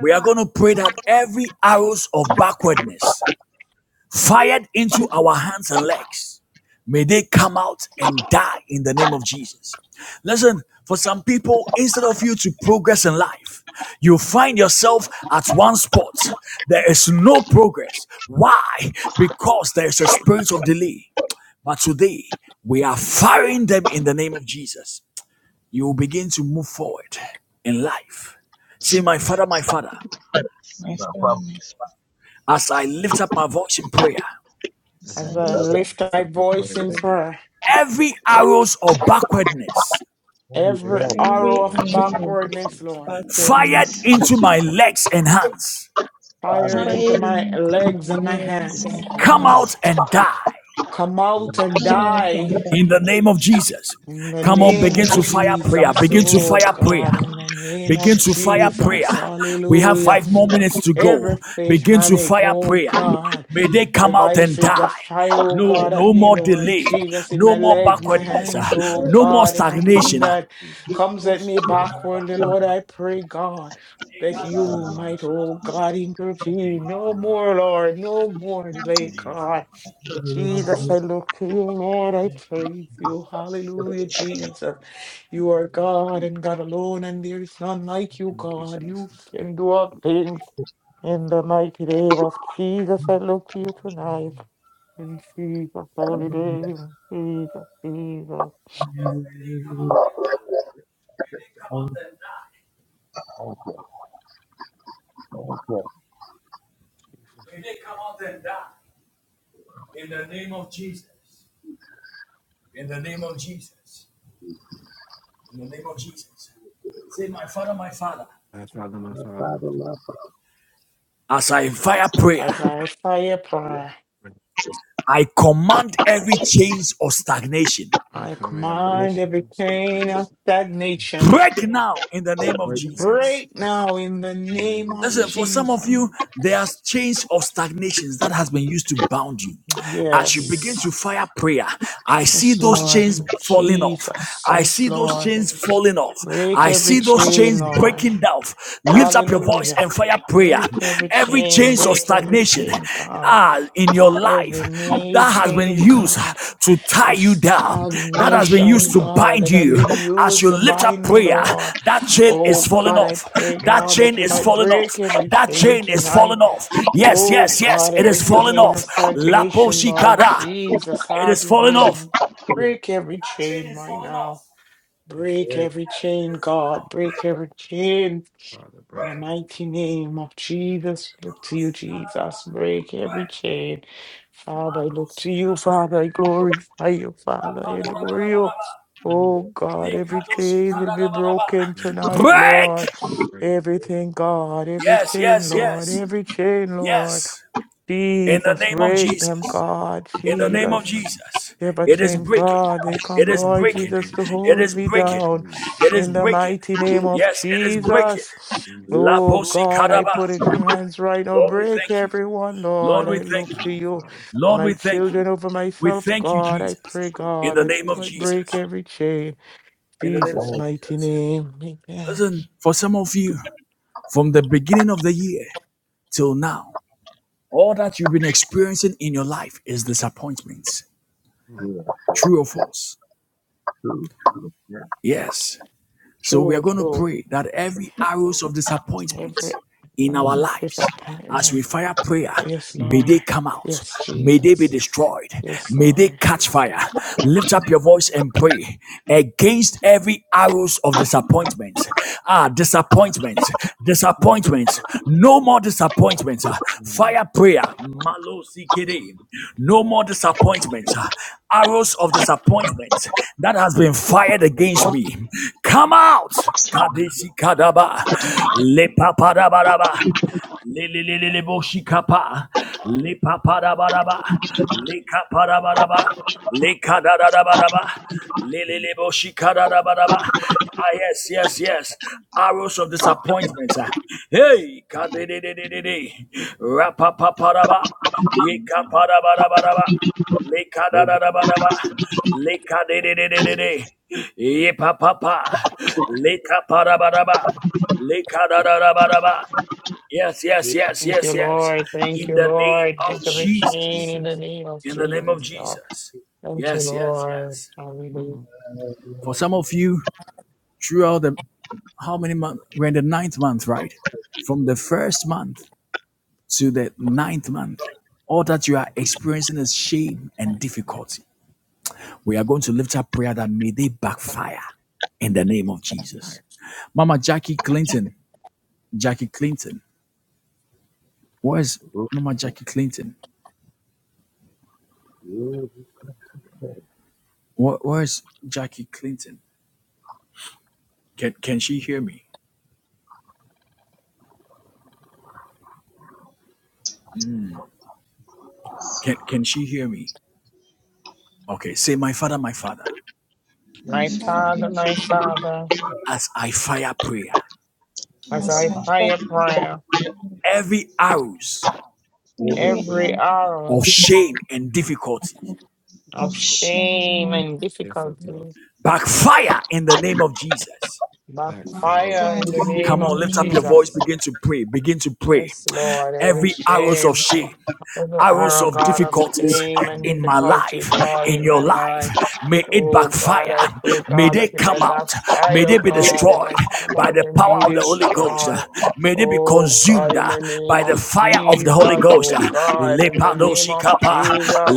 We are going to pray that every arrows of backwardness fired into our hands and legs, may they come out and die in the name of Jesus. Listen, for some people, instead of you to progress in life, you find yourself at one spot. There is no progress. Why? Because there is a spirit of delay. But today, we are firing them in the name of Jesus. You will begin to move forward in life. Say, my father, my father. my No Father, problem. my God, as I lift up my voice in prayer, As since I As I lift As I my I lift up lift my my second voice voice in prayers, pray. prayer, every arrows of backwardness let you every down, every era arrow Every of of arrow of backwardness, backwardsness, Lord, backwardness fired into my legs and hands, Father, fired high. come on. into fired my into my legs and my legs hands, and oh, come God. hands out and die Come out come out and and come die out die and in die. the name of Jesus. in the Come on, in name begin of the name to of Lord, fire Jesus. prayer, Jesus. begin to Oh fire prayer. God, in the name Begin of to fire any prayer. Jesus. We have Hallelujah. five more Jesus, name. minutes to go. Every In Begin Jesus' to satanic, name. fire oh prayer. God, May they come out and devices die. that fire, oh No, God, at no me, more Lord delay. Jesus, in No my No more legs, more my delay, backwardness. hands, ah. no oh more No back, more God, in everything the stagnation. name ah. of that Jesus. comes at me backwardly, Lord, I pray, God, that In you the name might, oh God, intervene. of No Jesus. more, Lord, no more delay, Lord, for God. me. Jesus, I look to you, Lord. I praise you. Hallelujah, Jesus. You are God and God alone, and there is none like you, Thank you, God. You Jesus. can do all things. Thank In the mighty name of Jesus, I look to you tonight. In Jesus' holy name, Jesus, Jesus. May they come Thank out and you, thank you. you, die. Jesus. May they come out and die. In the name of Jesus. In the name of Jesus. In the name of Jesus. Say, My Father, my Father. My Father, my My Father, Father, my As I fire prayer, As I fire Father, I prayer, I command every change or stagnation. I I command you, commit command every Jesus, to pain be of saved. stagnation. Break now in the name of work now Jesus. Break now in the in the name name of of Listen, for Jesus. some of Jesus. you, there are chains of stagnations that has been used to bound you. As you begin Yes. to fire prayer, I see Yes, those Lord. chains falling off. Jesus. I Yes, see those Lord. chains falling off. Break I every see those chain, chains Lord. breaking down. Lift up your voice Hallelujah. and fire prayer. Break every Every chain. chains of Break every stagnation, chain, God. ah, in your Every life knee that has been chain, used God, to tie of you down, that has been stagnation, used to God, bind that have you. been As used you to lift up bind me, prayer, Lord. that chain is Oh, falling God, I off. pray, That God, that chain you is might falling off. break every That chain chain is tonight. falling off. My Yes, Oh, yes, Lord, yes, God, it is every falling chain of off. in Lapo the stagnation, name of Lord Jesus. shikara, Jesus, it is have your falling way. off. Father, Break every chain right Falling now. off. Thank you, Break every chain, God. Break every chain. Father. In the Break mighty name of Jesus, look to you, Jesus. Break every chain. Father, I look to you, Father. I glorify you, Father. I adore you. Oh God, every chain will be broken it. tonight, Lord. Break! Break. Everything, God, every Yes, chain, yes, Lord, yes, every chain, Lord. yes. In the Jesus, name of break them, Jesus. God, In Jesus. the name of Jesus. Jesus. Ever In the It name is chain of Jesus. breaking. God, they come, It is Lord In the breaking. name Jesus, of to Jesus. It hold is me In the breaking. down name of It Jesus. is in the breaking. mighty name of Yes, it is breaking. Jesus. La Jesus. Oh posi God, I caraba. put it in your hands right now. Lord, we Break thank you. everyone, Lord, Lord. we I look thank Thank to you. you, you Father. for Lord, my we thank children, you. over We myself, thank you, God. I Jesus. pray, In God, the that name you of might break Jesus. every chain. In the name of Jesus' everything mighty Jesus. name. Amen. Listen, for some of you, from the beginning of the year till now, All that you've been experiencing in your life is disappointments. Mm. to True or false? you. Yes, Yes. So we are True, going to true. pray that every arrows of disappointment Every in our hmm. other lives, as we disappointment. fire prayer, Yes, may Lord. they come out. Yes, May they be Jesus. destroyed. Yes, May they Lord. catch fire. Lift up your voice and pray against every arrows of disappointment. Ah, disappointment, Mm. disappointment. No more disappointment. Ah, No more. Fire prayer, Malo Zikere, no more disappointment, arrows of disappointment that has been fired against me. Come out. Kadeshi Kadaba, Lepapadabaraba, Leleleleleboshikapa, Lepapadabaraba, Lekapadabaraba, Lekadadadabaraba. Lelelebo shikadadabadaba. Ah, yes, yes, yes. Arrows of disappointment. ah. Just Hey, one more. kadedededede. Rapapapadaba. Mm. Yekapadabadabadaba. No Lekadadadabadaba. Lekadedededede. Yepapapa. Lekapadabadaba. Lekadadadabadaba. Yes, yes, mistake, yes, Thank you, yes, yes. Lord. Thank In you, the name Lord. Break of In every the name of chain Jesus. in the Jesus. name of In the name of Jesus, Lord. Jesus. Thank you, Yes, yes, Lord. yes. Hallelujah. Mm. For some of you, throughout the how many months? We're in the ninth month, right? From the first month to the ninth month, all that you are experiencing is shame and difficulty. We are going to lift up prayer that may they backfire in the name of Jesus. Mama Jackie Clinton, Jackie Clinton, where's no Mama Jackie Clinton? Where, where's Jackie Clinton? Can can she hear me? Can can she hear me? Okay, say my father, my father, my My If father, Um, Father, my my father, Father, as I fire prayer, as It's as I I pray fire a prayer, every arrows every every arrow hour of shame and difficulty of of shame shame, and difficult. difficulty, backfire in the name of Jesus. Backfire, backfire fire in the you, in name Come the of on, you, lift up your name voice, Jesus. Jesus. begin to pray, begin to pray. Yes, Lord. Every Every arrows of shame, shame, every arrows hour, of God, of difficulties shame and in my difficulty, life, Lord, in in your my life, life. may it Oh God, backfire. I pray, May God, they that it come might out. May backfire, they be God, it destroyed might come by out the and power be of the Holy Ghost. Uh, destroyed. May they be Oh God, consumed in uh, the name by the of fire of the Holy Jesus, Ghost. oh Uh, God, in the name of Lepadoshikapa, Jesus,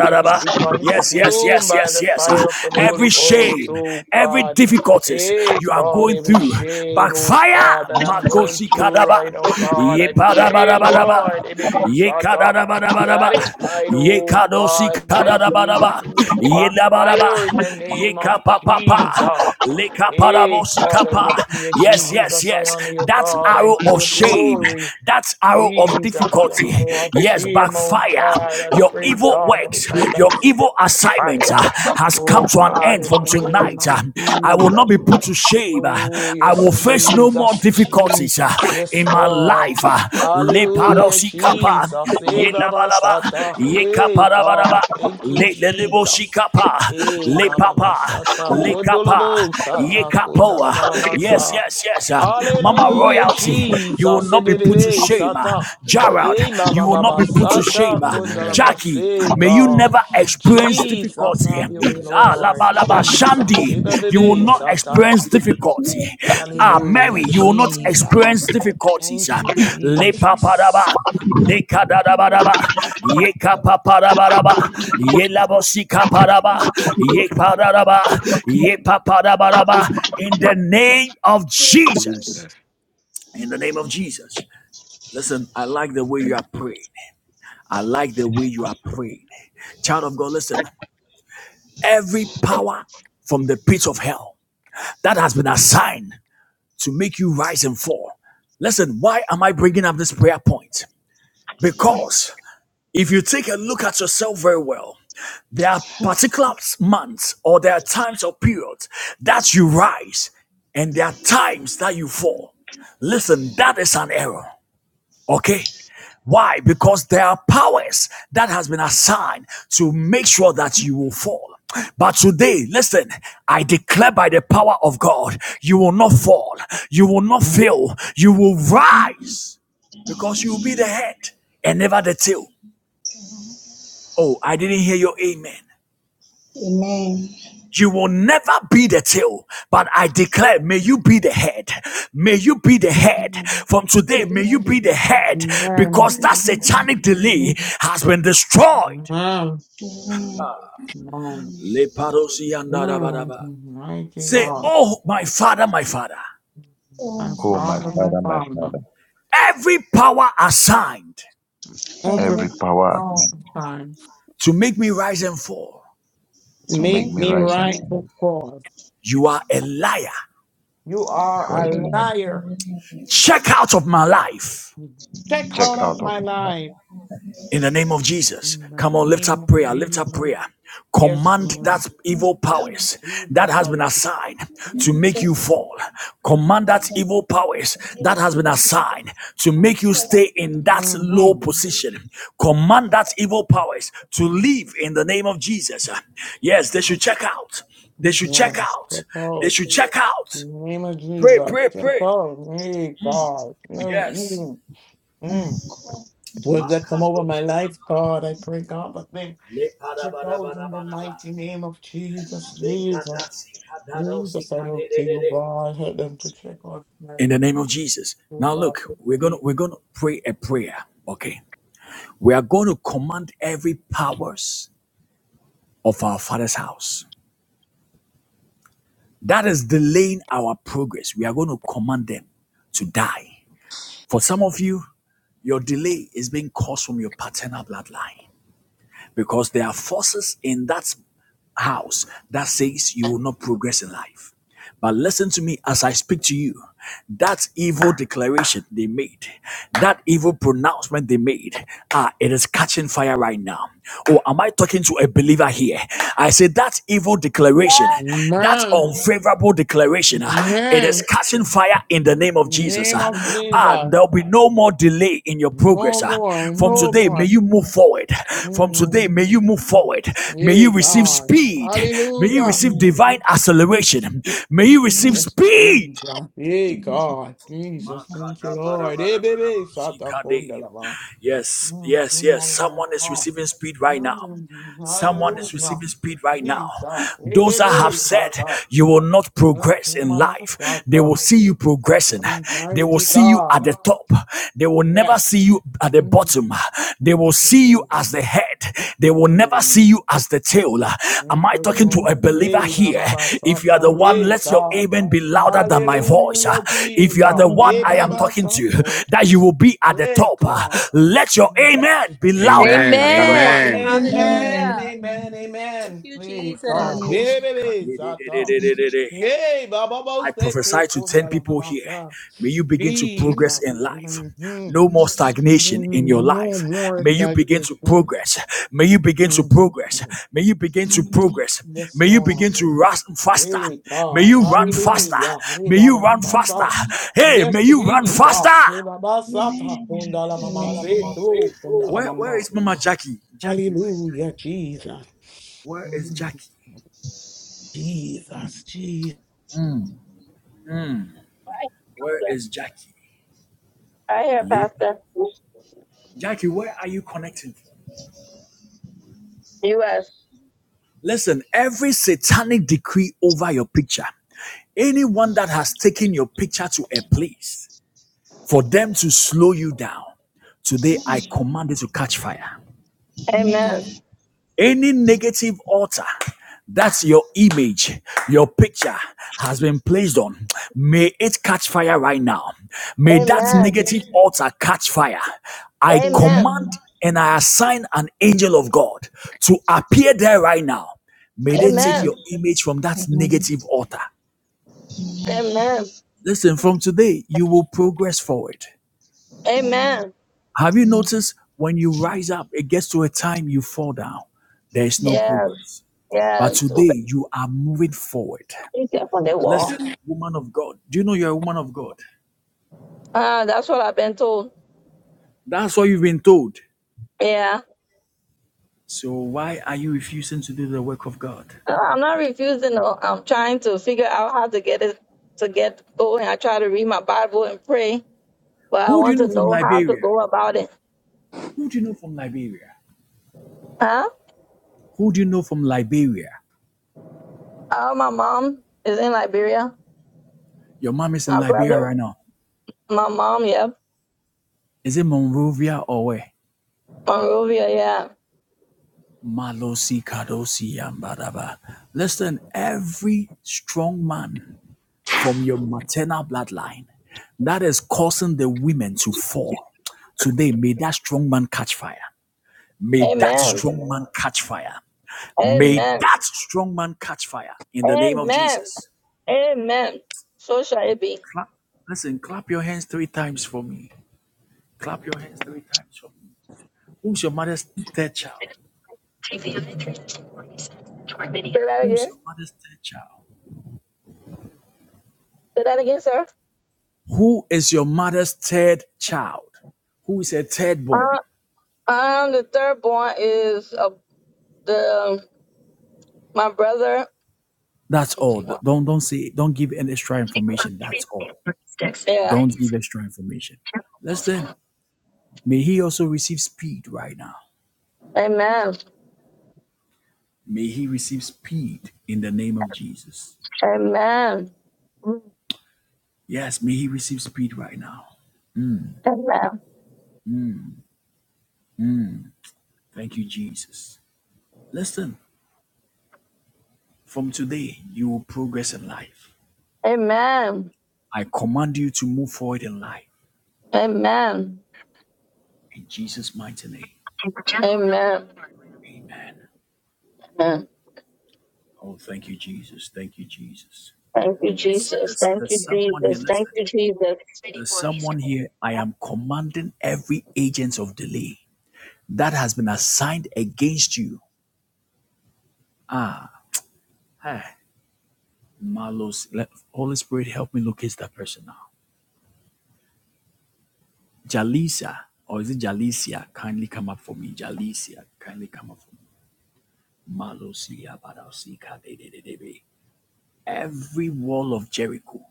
make it be Yes, yes, consumed yes, by yes, the yes. Ah, fire of the Holy Every Ghost, shame, oh every God. difficulties Hey you are God, going every through, shame, oh backfire. God, that I'm going Makosi All right. through kadaba, right now, God, ye I pray, padabadabadaba, Lord, it may be ye sata. That kadabadabadaba, it might, ye oh kadosi God, might we kadabadaba, go ye back dabadaba, fire in the ye name of kapapapa, Jesus. le Hey, kapadabosi God, I kapa. look to you, Yes, yes, Jesus. I yes. honor you, That's God. I arrow give of you shame. glory. That's arrow of Jesus, the difficulty. hour of Yes, shame, backfire oh fire. God. I Your pray, evil God, that works, it might your backfire. evil assignment uh, has come Oh to an God, end in from the name tonight. of uh. I will not Jesus. be put to shame. uh. Oh, I yes, will face no more Jesus, difficulties uh, Jesus, yes, in my Lord. life. uh. Hallelujah, Jesus. Eh, Baba Sata. Hey, God. Thank you, Le le le bo shi Jesus. Hey, le Baba Ba papa, Sata. le kapa, Kondolobo ye Sata. Kondala kapoa. Mama Yes, Masa. yes, yes. uh, Mama Hallelujah, royalty, you will Jesus. Eh, not be put to Bebe shame. uh, Sata. Gerald, Hey, you Baba will not Baba be put to Sata. shame. uh, Kondala Amen. Jackie, Mase, may you God. never experience Jesus, difficulty. have Amen. your Amen. way, Ah, Lord. laba Jesus. laba. Jesus. Eh, Shandy, you will Bebe not Sata. experience difficulty. Ah, Hallelujah, Mary, you will not Jesus. experience difficulties. Thank uh, you, Le papa Jesus. daba. Lekadabadaba, Yekapaparabadaba, Yelabosikaparaba, Yepararaba, Yepaparabaraba, in the name of Jesus. Jesus. In the name of Jesus. Listen, I like the way you are praying. I like the way you are praying. Child of God, listen. Every power from the pit of hell that has been assigned to make you rise and fall. Listen, why am I bringing up this prayer point? Because. If you take a look at yourself very well, there are particular months or there are times or periods that you rise and there are times that you fall. Listen, that is an error. Okay? Why? Because there are powers that has been assigned to make sure that you will fall. But today, listen, I declare by the power of God, you will not fall. You will not fail. You will of Jesus. rise because you will be the head and never the tail. Oh, I didn't hear your amen. Amen. You will never be the tail, but I declare, may you be the head. May you be the Amen. Amen. head. From today, Amen. may Amen. you be the head Amen. because that Amen. satanic delay Amen. has been destroyed. Amen. Amen. Amen. Mighty Say, Amen. God, Oh, my father, my father, Oh, my Oh, my my Father, Father, my Father, my Father, Father, every power assigned every every every power at promise time, hand time, to make me rise and fall, to make make Smith me me rise and yavuze right ko fall, before. you are a liar. You are you are a a igihugu lamb. liar. Check out of my life. Check out Check of out of my me. life. In the name of Jesus, In the come on, lift name up of prayer, lift Jesus. up prayer. Yes, Command Lord. that evil giharanira powers Jesus, that has been Father. assigned to Jesus, uburenganzira make you fall. Command that bw'abagore evil powers that has been cyubahiriza assigned to make you Smith Father. yavuze ko stay in that low Mm-hmm. position. Command that evil powers to leave in the name of Jesus. Yes, they should check out. They should check Mhm. out. Take They hold. should check out. In the name of Pray, Jesus. pray, Take pray. hold. Hey, God. Mm, Yes. mm, mm. Would that come over my Makadosi- life, God? I pray, God, but then le bada take bada hold bada in the bada. mighty name of Jesus, Jesus. Jesus, I look to you, God. Help them to check out my life, in the name of Jesus. oh Now God. look, we're gonna we're gonna pray a prayer. Okay. We are going to command every powers of our father's house that is delaying our progress. We are going to command them to die. For some of you, your delay is being caused from your paternal bloodline. because there are forces in that house that says you will not progress in life. But listen to me as I speak to you. That evil declaration they made, that evil pronouncement they made, ah, it is catching fire right now. Oh, am I talking to a believer here? I say that evil declaration, that Man, unfavorable declaration. ah, it is man, catching fire in the name of Jesus. name Ah, of ah, Jesus. there'll be no more delay in your No progress. Ah, more, from no today, may more. you move forward. Mm, From today, mm, may you mm, move mm. forward. May you Yay, receive God. speed. May you Hallelujah. receive divine Mm, acceleration. May you receive Yes, we speed God. Hey, God, Jesus, thank you, Lord. Hey, baby, Sata Makadabarabarabarabasikade. Kondalama. Yes, yes, yes. Someone is receiving speed right now. Someone is Hallelujah. receiving speed right now. Jesus, hey, Those that have baby, said Sata. you will not progress Mm, in Mama, life, they Sata. will see you progressing. They will Mighty see you at God. the top. They will never Yes. see you at the Mm, bottom. They will see you mm, as the head. They will never see you mm. as the tail. Am Thank I you, talking to a Lord. believer Hey, here? Baba, If you are the Sata. one, Hey, let your God. amen be louder than my voice. Hallelujah, If you Amen. are Jesus. the one Hey, I am Baba, talking to, Sata. that you will be at the Hey, top. God. Let your amen be louder Amen. than that of Amen. Amen. Amen. Amen, Hallelujah. amen, Thank amen. you, Hey, mine. Jesus. God. Yeah, baby, Sata. Yeah, Baba Bo I said, prophesy take to 10 Kundala people here. Mamasa. May you begin to Jesus. progress in life. Mhm. No more stagnation in Mm, your No life. more May you begin sacrifice. to progress. May you begin to Mhm. progress. May you begin to progress. Yes, May you Lord. begin to run faster. Hey, May God. you run faster. Hallelujah. Hey, May you Baba run faster. Sata. Hey, Yes, may you run faster. Jesus. Hey, Baba Sata. Kundala Mamasa. Kundala Where, where Mama. is Mama Jackie? Jackie, where is Jackie? Hallelujah, Jesus. Where is Jesus, Jackie? Jesus. Where is Jackie? I hear, Pastor. Jackie, where are you connecting from? U.S. Listen, every satanic decree over your picture, anyone that has taken your picture to a place for them to slow you down, today I command it to catch fire. Amen. Amen. Any negative altar that's your image, your picture has been placed on. May it catch fire right now. May that Amen. negative altar catch fire. I Amen. command and I assign an angel of God to appear there right now. May they take Amen. your image from that Amen. Amen. Amen. Amen. negative altar. Amen. Listen, from today, you will progress forward. Amen. Have you Amen. noticed when you rise up, it gets to a time you fall down? There is no Yeah. progress. Yeah. But So today you are moving forward. Be careful on the wall. Listen, woman of God, do you know you're a woman of God? Ah, that's what I've been told. That's what you've been told. Yeah. So why are you refusing to do the work of God? No, I'm not refusing. No. I'm trying to figure out how to get it to get going. I try to read my Bible and pray, but I Who do you want to know from know how to Liberia? go about it. Who do you know from Liberia? Huh? Who do you know from Liberia? oh, my mom is in Liberia. Your mom is in My Liberia brother. right now. My mom. Yep. Is it Monrovia or where? Monrovia. Yeah. Malosi Kadosi Yambadaba. Listen, every strong man from your maternal bloodline that is causing the women to fall. Today, may that strong man catch fire. May that Amen. strong man catch fire. May Amen. that strong man catch fire in the name of Amen. Jesus. Amen. So shall it be. Clap. Listen, clap your hands three times for me. Clap your hands three times for me. Who's your mother's third child? Say that Who's again. your mother's third child? Say that again, sir. Who is your mother's third child? Who is a third born? Uh, um, the third born is uh, the my brother. That's all. Yeah. Don't don't say don't give any extra information. That's all. Don't give extra information. Listen, may he also receive speed right now. Amen. May he receive speed in the name of Jesus. Amen. Amen. Yes, may he receive speed right now. Thank you, Jesus. Listen, from today, you will progress in life. Amen. I command you to move forward in life. Amen. In Jesus' mighty name. Amen. Amen. Amen. Oh, thank you, Jesus. Thank you, Jesus. Thank you, There's, Jesus. there's, Thank there's you, someone here Jesus. Thank listening. you, Jesus. There's someone here. I am commanding every agent of delay. that has been assigned against you. Hey, Malos, let Holy Spirit help me locate that person now. Jalisa, or is it Jalisia? Kindly come up for me. Jalisia, kindly come up for me. Malosia, Badosika, de- de- de- de- Every wall of Jericho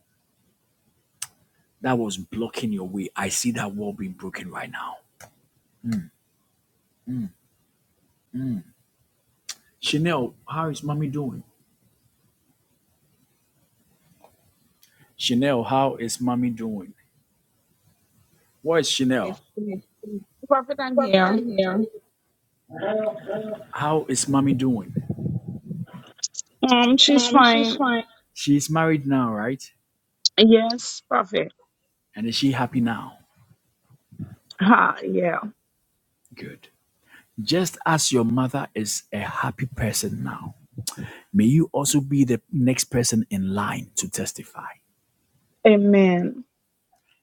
that was blocking your way, I see that wall being broken right now. Chanel, how is mommy doing? Chanel, how is mommy doing? Where is Chanel? Prophet, I'm Prophet, here. I'm here. How is mommy doing? Um, she's Um, she's fine. fine. She's married now, right? Yes, Prophet. And is she happy now? Ha, yeah. Good. Just as your mother is a happy person now, may you also be the next person in line to testify. Amen.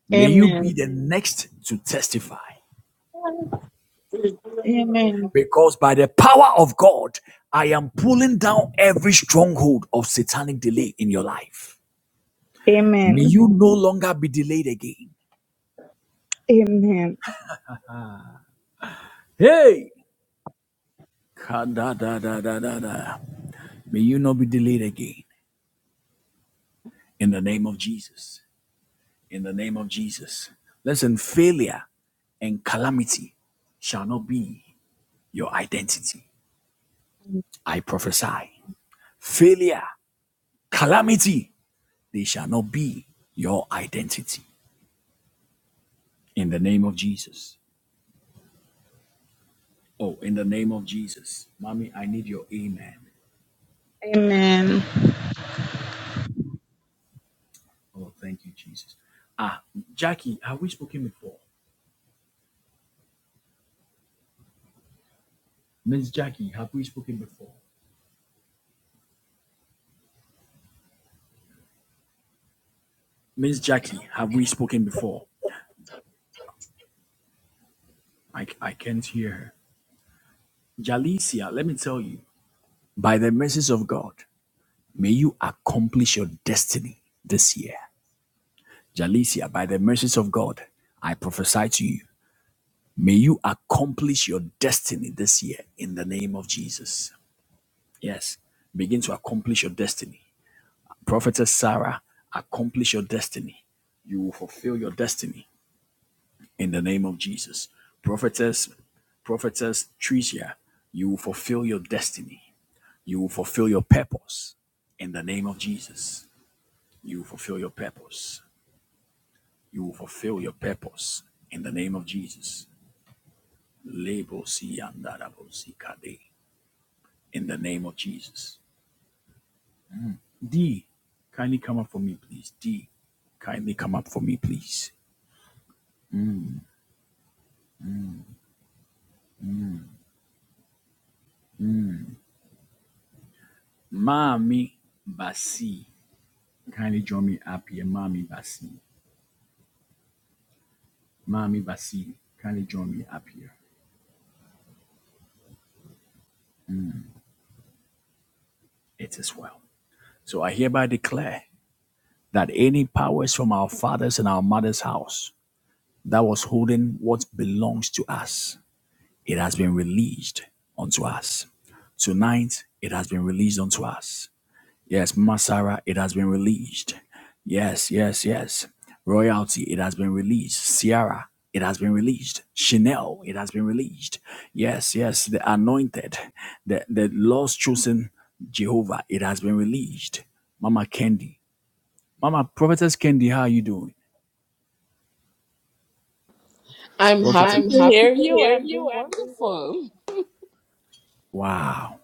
May you be Amen. the next to testify. Amen. Because by the power of God, I am pulling down every stronghold of satanic delay in your life. May Amen. you no longer be delayed again. Amen. Hey! Ka-da-da-da-da-da-da. May you not be delayed again in the name of Jesus. in the name of Jesus. Listen, failure and calamity shall not be your identity. I prophesy. Failure, calamity, they shall not be your identity. In the name of Jesus. Oh, in the name of Jesus. Mommy, I need your amen. Amen. Oh, thank you, Jesus. Ah, Jackie, have we spoken before? Miss Jackie, have we spoken before? Miss Jackie, have we spoken before? I, I can't hear her. Jalicia, let me tell you. By the mercies of God, may you accomplish your destiny this year. Jalicia, by the mercies of God, I prophesy to you, may you accomplish your destiny this year in the name of Jesus. Yes, begin to accomplish your destiny. Prophetess Sarah, accomplish your destiny. You will fulfill your destiny in the name of Jesus. Prophetess, prophetess Tricia, you will fulfill your destiny. You will fulfill your purpose in the name of Jesus. You will fulfill your purpose. You will fulfill your purpose in the name of Jesus. Lebo si andarabo si In the name of Jesus. D, kindly come up for me, please. D, kindly come up for me, please. Mommy Basi, kindly join me up here. Mommy Basi. Mommy Basi, kindly join me up here. It is well. So I hereby declare that any powers from our fathers and our mothers' house that was holding what belongs to us It has been released unto us. Tonight, it has been released unto us. Yes, Masara, it has been released. Yes, yes, yes. Royalty, it has been released. Sierra, it has been released. Chanel, it has been released. Yes, yes, the anointed, the, the Lord's chosen Jehovah, it has been released. Mama Candy. Mama, Prophetess Candy, how are you doing? I'm Prophetess. happy I'm to happy hear to you. hear I'm you. doing I'm doing well. wonderful. Wow.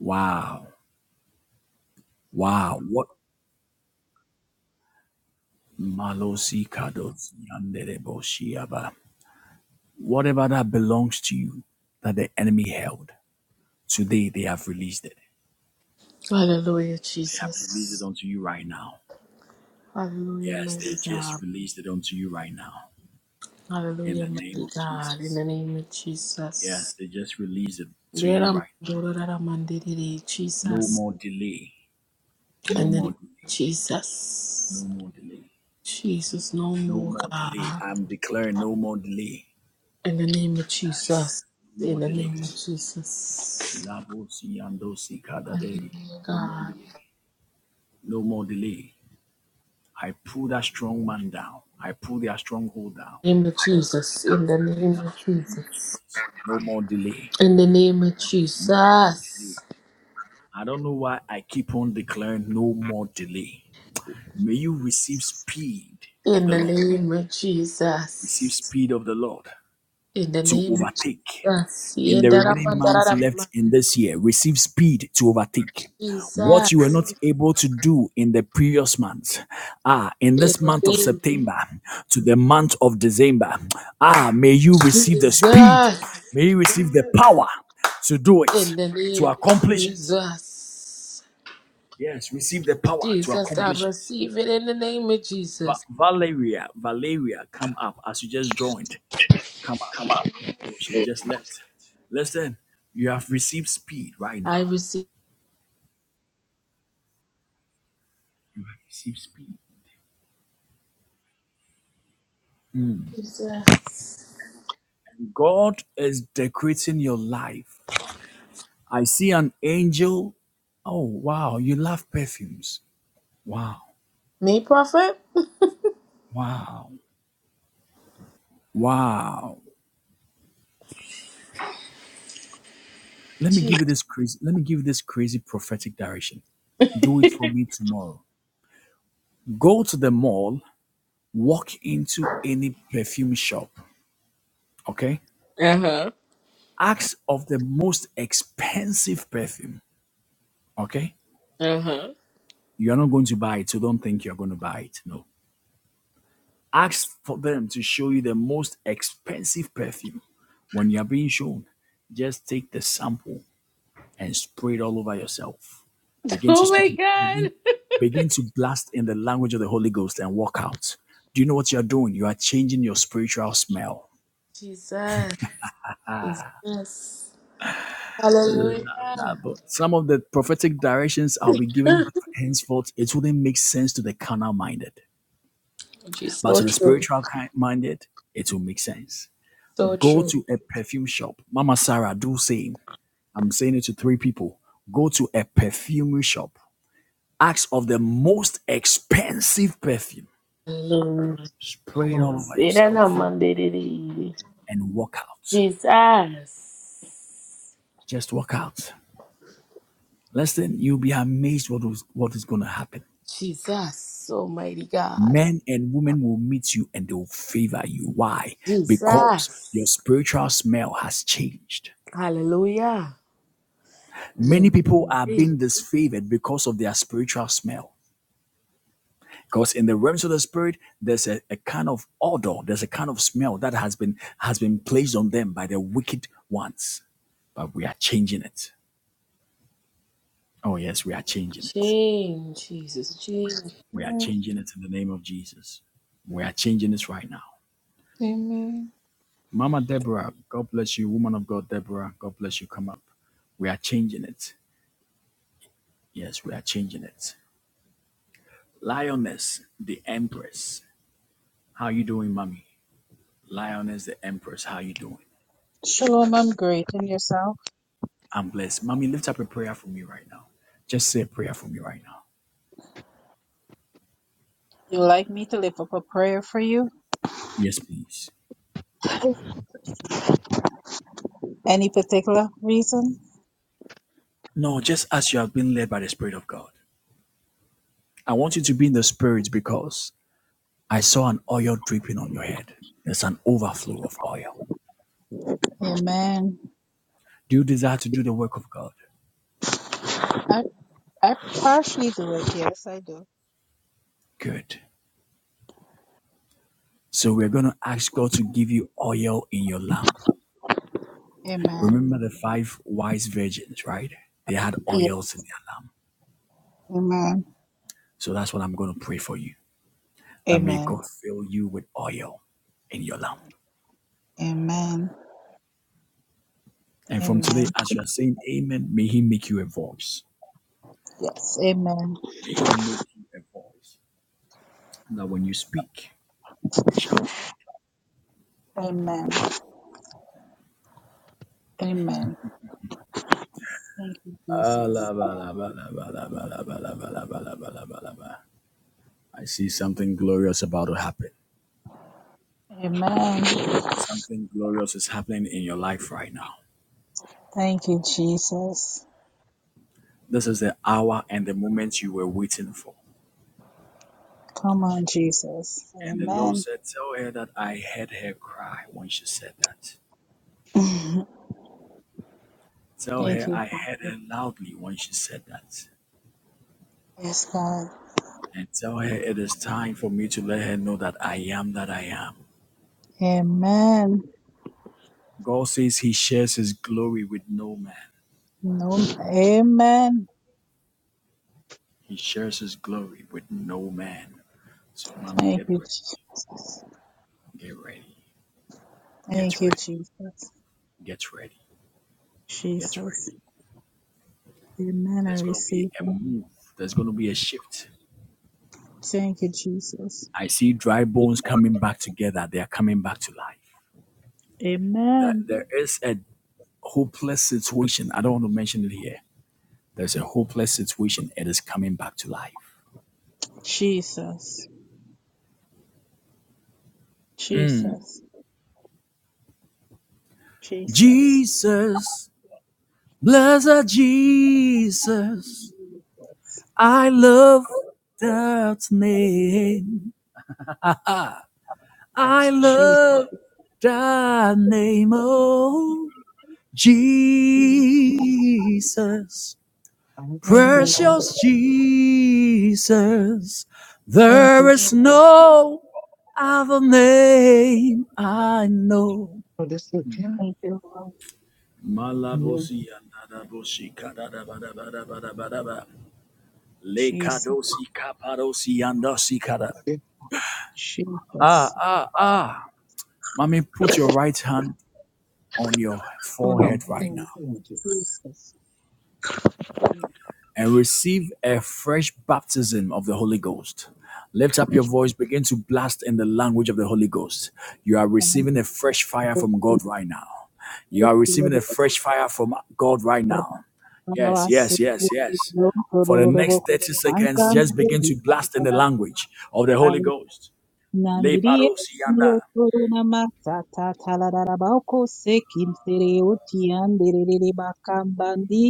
Wow. Wow. What Malosi kadosi anderebo Whatever that belongs to you that the enemy held, today they have released it. Hallelujah, They have released it Jesus. unto you right now. Hallelujah, Yes, mighty they just God. released it unto you right now. In Hallelujah, the name mighty of God. In Jesus. the name of Yes, Jesus. they just released it to There you am- right. Dora Dara Mandiri, No Jesus. more delay. No In the more name delay. of No Jesus. more delay. Jesus, no No more, more delay. God. I'm declaring no more delay. In the name of Yes. Jesus. No more In the name delay. of Jesus. Labosi andosi kadadei. Hallelujah, No more God. delay. No more delay. I pull that strong man down. I pull their stronghold down. In the name of Jesus. I, In the name of in the name of Jesus. Jesus. No more delay. In the name of No more delay. Jesus. I don't know why I keep on declaring no more delay. May you receive speed of In the the Lord. name of Receive Jesus. speed of the Lord In the to name of overtake. Jesus. in In the the name remaining of months left in this year, receive speed to overtake. Jesus. What you were not able to do in the previous month, ah, in In this the month of name of September to the month of December, ah, may you receive the speed, Jesus. may you receive the power to do it, In the to name of accomplish it. Jesus. Yes, receive the power to Jesus, I accomplish it. receive it in the name of Va- Jesus. Valeria, Valeria, come up as you just joined. Come up. Oh, she just left. Listen, you have received speed right I now. receive Receive speed. Jesus. God is decorating your life. I see an angel. Oh, wow. You love perfumes. Wow. Me, prophet? Wow. Wow. Let me give Jesus. you this crazy, let me give you this crazy prophetic direction. Do it for me tomorrow. Go to the mall, walk into any perfume shop. Okay. Uh huh. Ask of the most expensive perfume. Okay. Uh huh. You are not going to buy it, so don't think you're going to buy it. No Ask for them to show you the most expensive perfume. When you are being shown, just take the sample and spray it all over yourself. Begin to Oh my speak, in- God. begin, begin to blast in the language of the Holy Ghost and walk out. Do you know what you are doing? You are changing your spiritual smell. Jesus. Jesus. Nah, Hallelujah. but some of the prophetic directions I'll be giving henceforth, it wouldn't make sense to the carnal minded. Jesus, But so to the true. spiritual ki- minded, it will make sense. So Go true. to a perfume shop. Mama Sarah, do same. I'm saying it to three people. Go to a perfumery shop, ask of the most expensive perfume, Hallelujah. spray it all over Say that now, yourself, man, did and walk out. Jesus. Just walk out. Listen, you'll be amazed what was, what is going to happen. Jesus. Almighty God. Men and women will meet you and they will favor you. Why? Because your Jesus. spiritual smell has changed. Hallelujah. Many Amen. people are being disfavored because of their spiritual smell. because in the realms of the spirit there's a, a kind of odor there's a kind of smell that has been has been placed on them by the wicked ones but we are changing it oh yes we are changing it Change, Jesus. Change. we are changing it in the name of jesus we are changing this right now Amen. mama deborah god bless you woman of god deborah god bless you come up we are changing it yes we are changing it lioness the empress how you doing mommy lioness the empress how you doing Shalom, I'm great. And yourself? I'm blessed. Mommy, lift up a prayer for me right now. Just say a prayer for me right now. You like me to lift up a prayer for you? Yes, please. Any particular reason? No, just as you have been led by the Spirit of God. I want you to be in the Spirit because I saw an oil dripping on your head. There's an overflow of oil. Amen. Do you desire to do the work of God? I, I partially do it. Yes, I do. Good. So we're going to ask God to give you oil in your lamp. Amen. Remember the five wise virgins, right? They had Yeah. oils in their lamp. Amen. So that's what I'm going to pray for you. That may Amen. God fill you with oil in your lamp. Amen. And from Amen. today, as you are saying amen, may he make you a voice. Yes. Amen. May he make you a voice. That when you speak, it shall be. Amen. Amen. Thank you, I Jesus. see something glorious about to happen. Amen. Something glorious is happening in your life right now. Thank you, Jesus. This is the hour and the moment you were waiting for. Come on, Jesus. And the Lord Amen. said, Tell her that I heard her cry when she said that. Tell Thank her you. I heard her loudly when she said that. Yes, God. and tell her it is time for me to let her know that I am that I am. Amen. God says he shares his glory with no man. No, amen. He shares his glory with no man. So, mommy, Thank get you. ready. Je- Get ready. Thank Get you, ready. Jesus. Get ready. Get ready. Jesus. Amen. I There's going to be receive a it. move, there's going to be a shift. Thank you, Jesus. I see dry bones coming back together. They are coming back to life. That Amen. there is a hopeless situation. I don't want to mention it here. There's a hopeless situation. It is coming back to life. Jesus. Mm. Jesus. Jesus. Jesus. Blessed Jesus, I love that name. I Thanks. I Jesus. love that name, oh Jesus, don't Thank you, know Lord. how precious Jesus. Thank There you, is Je- no other name I know. this look here. Thank you, Lord. Yeah, Malabosi andadabosi kadadabadabadabadabadaba. Jesus. Lekadosi kapadosi okay. Ah, Jesus. ah, ah. Mommy, put your right hand on your So forehead long. You right can now change it. Jesus. and receive a fresh baptism of the Holy Ghost. Lift up your voice, begin to blast in the language of the Holy Ghost. You are Thank receiving a fresh fire you, from God right now. You Thank are you, receiving a fresh fire from God right Lord. now. Yes, Rabasi, yes, yes, yes. Lord, Lord, For the Lord, Lord. next 30 Thank seconds, just begin you, to blast in the Lord. language of the Holy Ghost. Le Nandirie parousia sio toro na masata talarabako sekin sereo tianderere bakambandi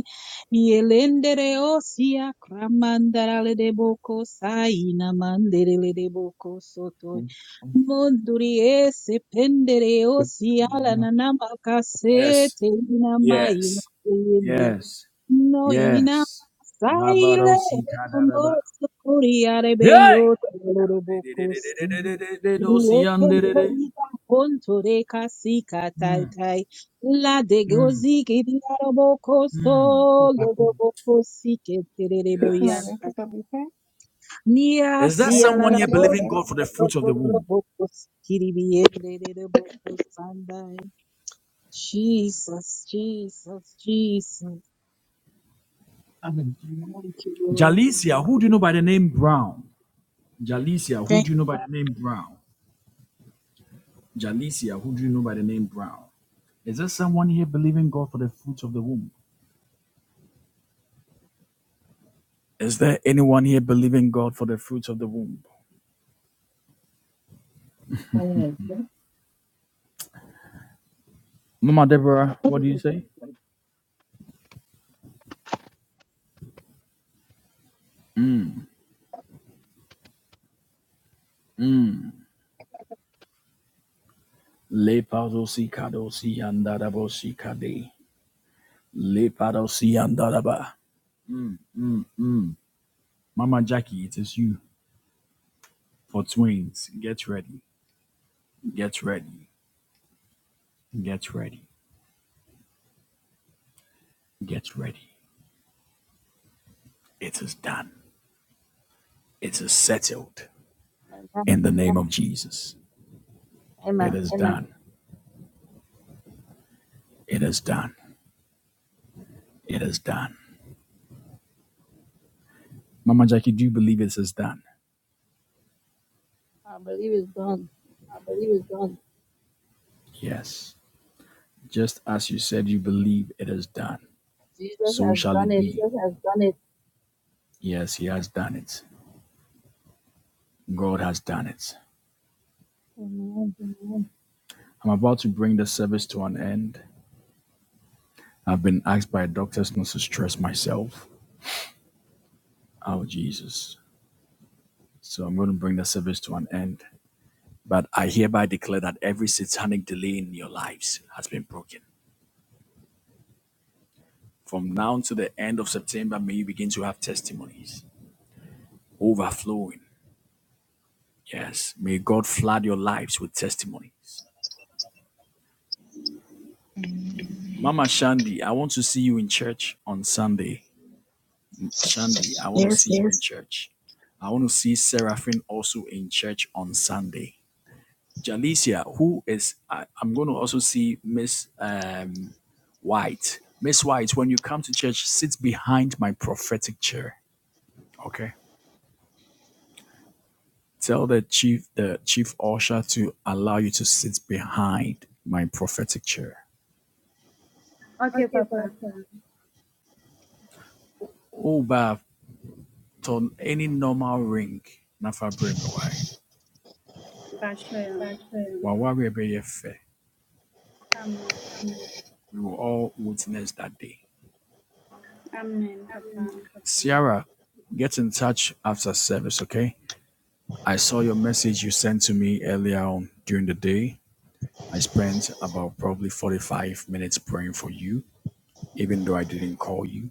yelendere osia kramandarale de boko saina manderele de boko sotoi Hmm? Hmm. mondurie se pendere osia la No. nanama Yes, kasete ina maina yes, yes. no ina Yes. saile Nabarosi como kadaraba. socorriare beyo Hey! loro bocosi rieken Dedededededededededosiandedede. polita kontore re casica tai Mm, tai la de mm, gozi che di araboco mm. solo dopo cosi che terere Yes. boianta pick up your phone. nia Is there I sia pick la someone up la here the believing other. God for the fruits of the womb? bocos kiribiere de bocos sandai Jesus, Jesus, Jesus. am in. Thank you, Lord. Jalicia, who do you know by the name Brown? Jalicia, who Thank do you you. know by the name Brown? Jalicia, who do you know by the name Brown? Is there someone here believing God for the fruits of the womb? Is there anyone here believing God for the fruits of the womb? Oh, Mama Deborah, what do you okay. say? Mm. Le parosi kadosi andarabosi kade. Le parosi andaraba. Mama Jackie, it is you for twins. Get ready. Get ready. Get ready. Get ready. It is done. It is settled. Amen. In the name of Jesus. Amen. It is Amen. done. It is done. It is done. Mama Jackie, do you believe it is done? I believe it's done. I believe it's done. Yes. Just as you said you believe it is done, Jesus so has shall done it it. be. Jesus has done it. Yes, he has done it. God has done it. Amen. I'm about to bring the service to an end. I've been asked by doctors not to stress myself. Oh, Jesus. So I'm going to bring the service to an end. But I hereby declare that every satanic delay in your lives has been broken. From now to the end of September, may you begin to have testimonies overflowing. Yes. May God flood your lives with testimonies. Mama Shandy, I want to see you in church on Sunday. Shandy, I want to see Yes. yes. you in Yes. church. I want to see Seraphine also in church on Sunday. Jalicia, who is I, I'm going to also see Miss um, White. Miss White, when you come to church, sit behind my prophetic chair. Okay. Tell the chief, the chief usher, to allow you to sit behind my prophetic chair. Okay, Papa. Oba, turn any normal ring, nafa bremiwai. Basho. Wawari ebeye fe. We will all witness that day. Amen, Papa. Sierra, get in touch after service, okay? I saw your message you sent to me earlier on during the day I spent about probably 45 minutes praying for you, even though I didn't call you.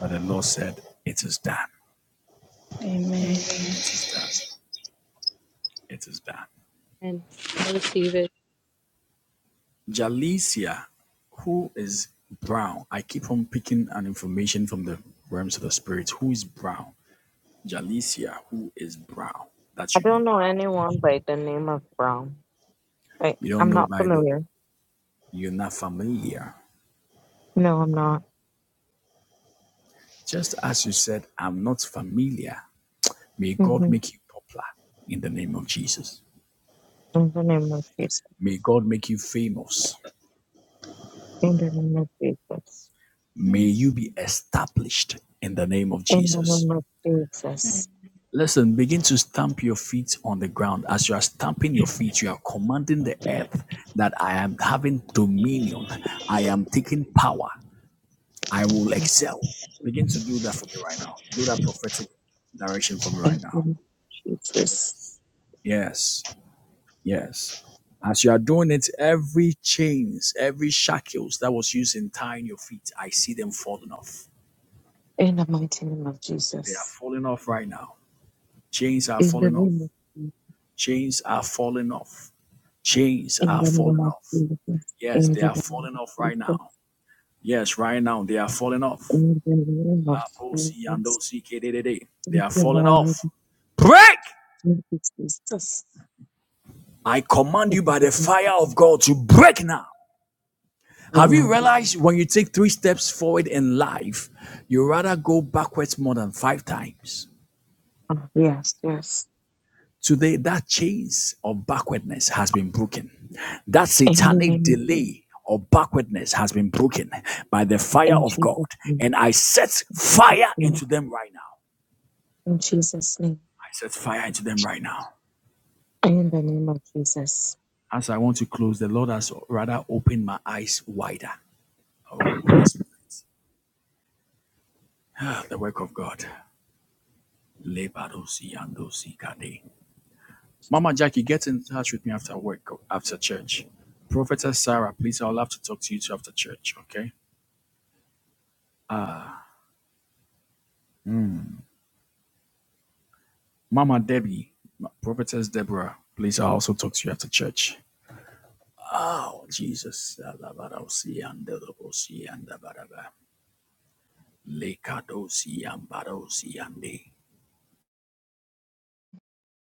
But the Lord said, It is done. Amen. Amen. It is done. It is done. And I receive it. Jalicia, who is brown? I keep on picking an information from the realms of the spirit. Who is brown? Jalicia, who is brown? That I you don't know. know anyone by the name of Brown. I, You don't I'm know not by the familiar. you're not familiar. No, I'm not. Just as you said, I'm not familiar. May God hmm make you popular in the name of Jesus. In the name of Jesus. May God make you famous. In the name of Jesus. May you be established in the name of In the Jesus. name of Jesus. Listen, begin to stamp your feet on the ground. As you are stamping your feet, you are commanding the earth that I am having dominion. I am taking power. I will excel. Begin to do that for me right now. Do that prophetic direction for me right In now. the name of Jesus. Yes, yes. As you are doing it, every chains, every shackles that was used in tying your feet, I see them falling off. In the mighty name of They are Jesus. falling off right now. Chains are In the falling off. name of Jesus. Chains are falling off. Chains In are the name falling of off. Jesus. In Yes, they the name are of falling off right Jesus. now. Yes, right now they are falling off. In the name of La posi Jesus. yando si kedede. They Thank are you, falling Lord. off. Break! Thank you, Jesus. I command you In by the the name fire of God to of Jesus. break now. Right Have you now. realized when you take three steps forward in life, you rather go backwards more than five times? Oh, yes, yes. Today, that chains of backwardness has been broken. That In the satanic name of Jesus. delay of backwardness has been broken by the fire In of God. Jesus' name. And I set fire into In them right now. Jesus' name. I set fire into them right now. In the name of Jesus. As I want to close, the Lord has rather opened my eyes wider. Oh, Holy Spirit. The work of God. Mama Jackie, get in touch with me after work, after church. Prophetess Sarah, please, I would love to talk to you too after church, okay? Mama Debbie, Prophetess Deborah, please, I also talk to you after church. Oh, Jesus. Alabarosi and Dorobosi and Dabaraba. Lekadosi and Barosi and De.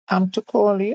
I'm to call you.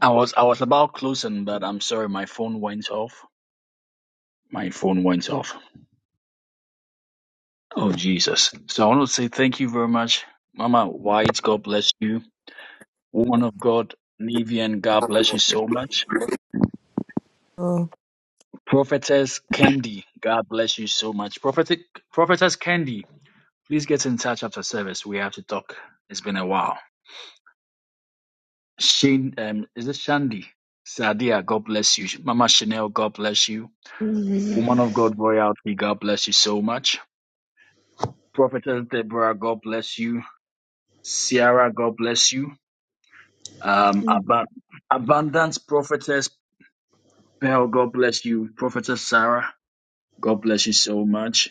I was I was about closing, but I'm sorry, my phone went off. My phone went off. Oh Jesus. So I want to say thank you very much. Mama White, God bless you. Woman of God, Nivian, God bless you so much. Prophetess Candy, God bless you so much. Prophetic Prophetess Candy, Please get in touch after service. We have to talk. It's been a while. Shane, um, is it Shandy? Sadia, God bless you. Mama Chanel, God bless you. Woman Amen. of God, royalty, God bless you so much. Prophetess Deborah, God bless you. Sierra, God bless you. Um, Ab- Abundance Prophetess Pearl, God bless you. Prophetess Sarah, God bless you so much.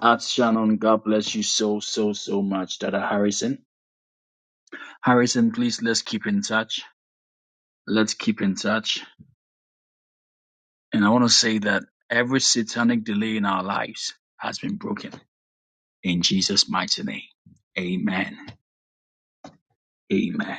At Shannon, God bless you so, so, so much. Dada Harrison. Harrison, please let's keep in touch. Let's keep in touch And I want to say that every satanic delay in our lives has been broken in Jesus' mighty name. Amen. Amen.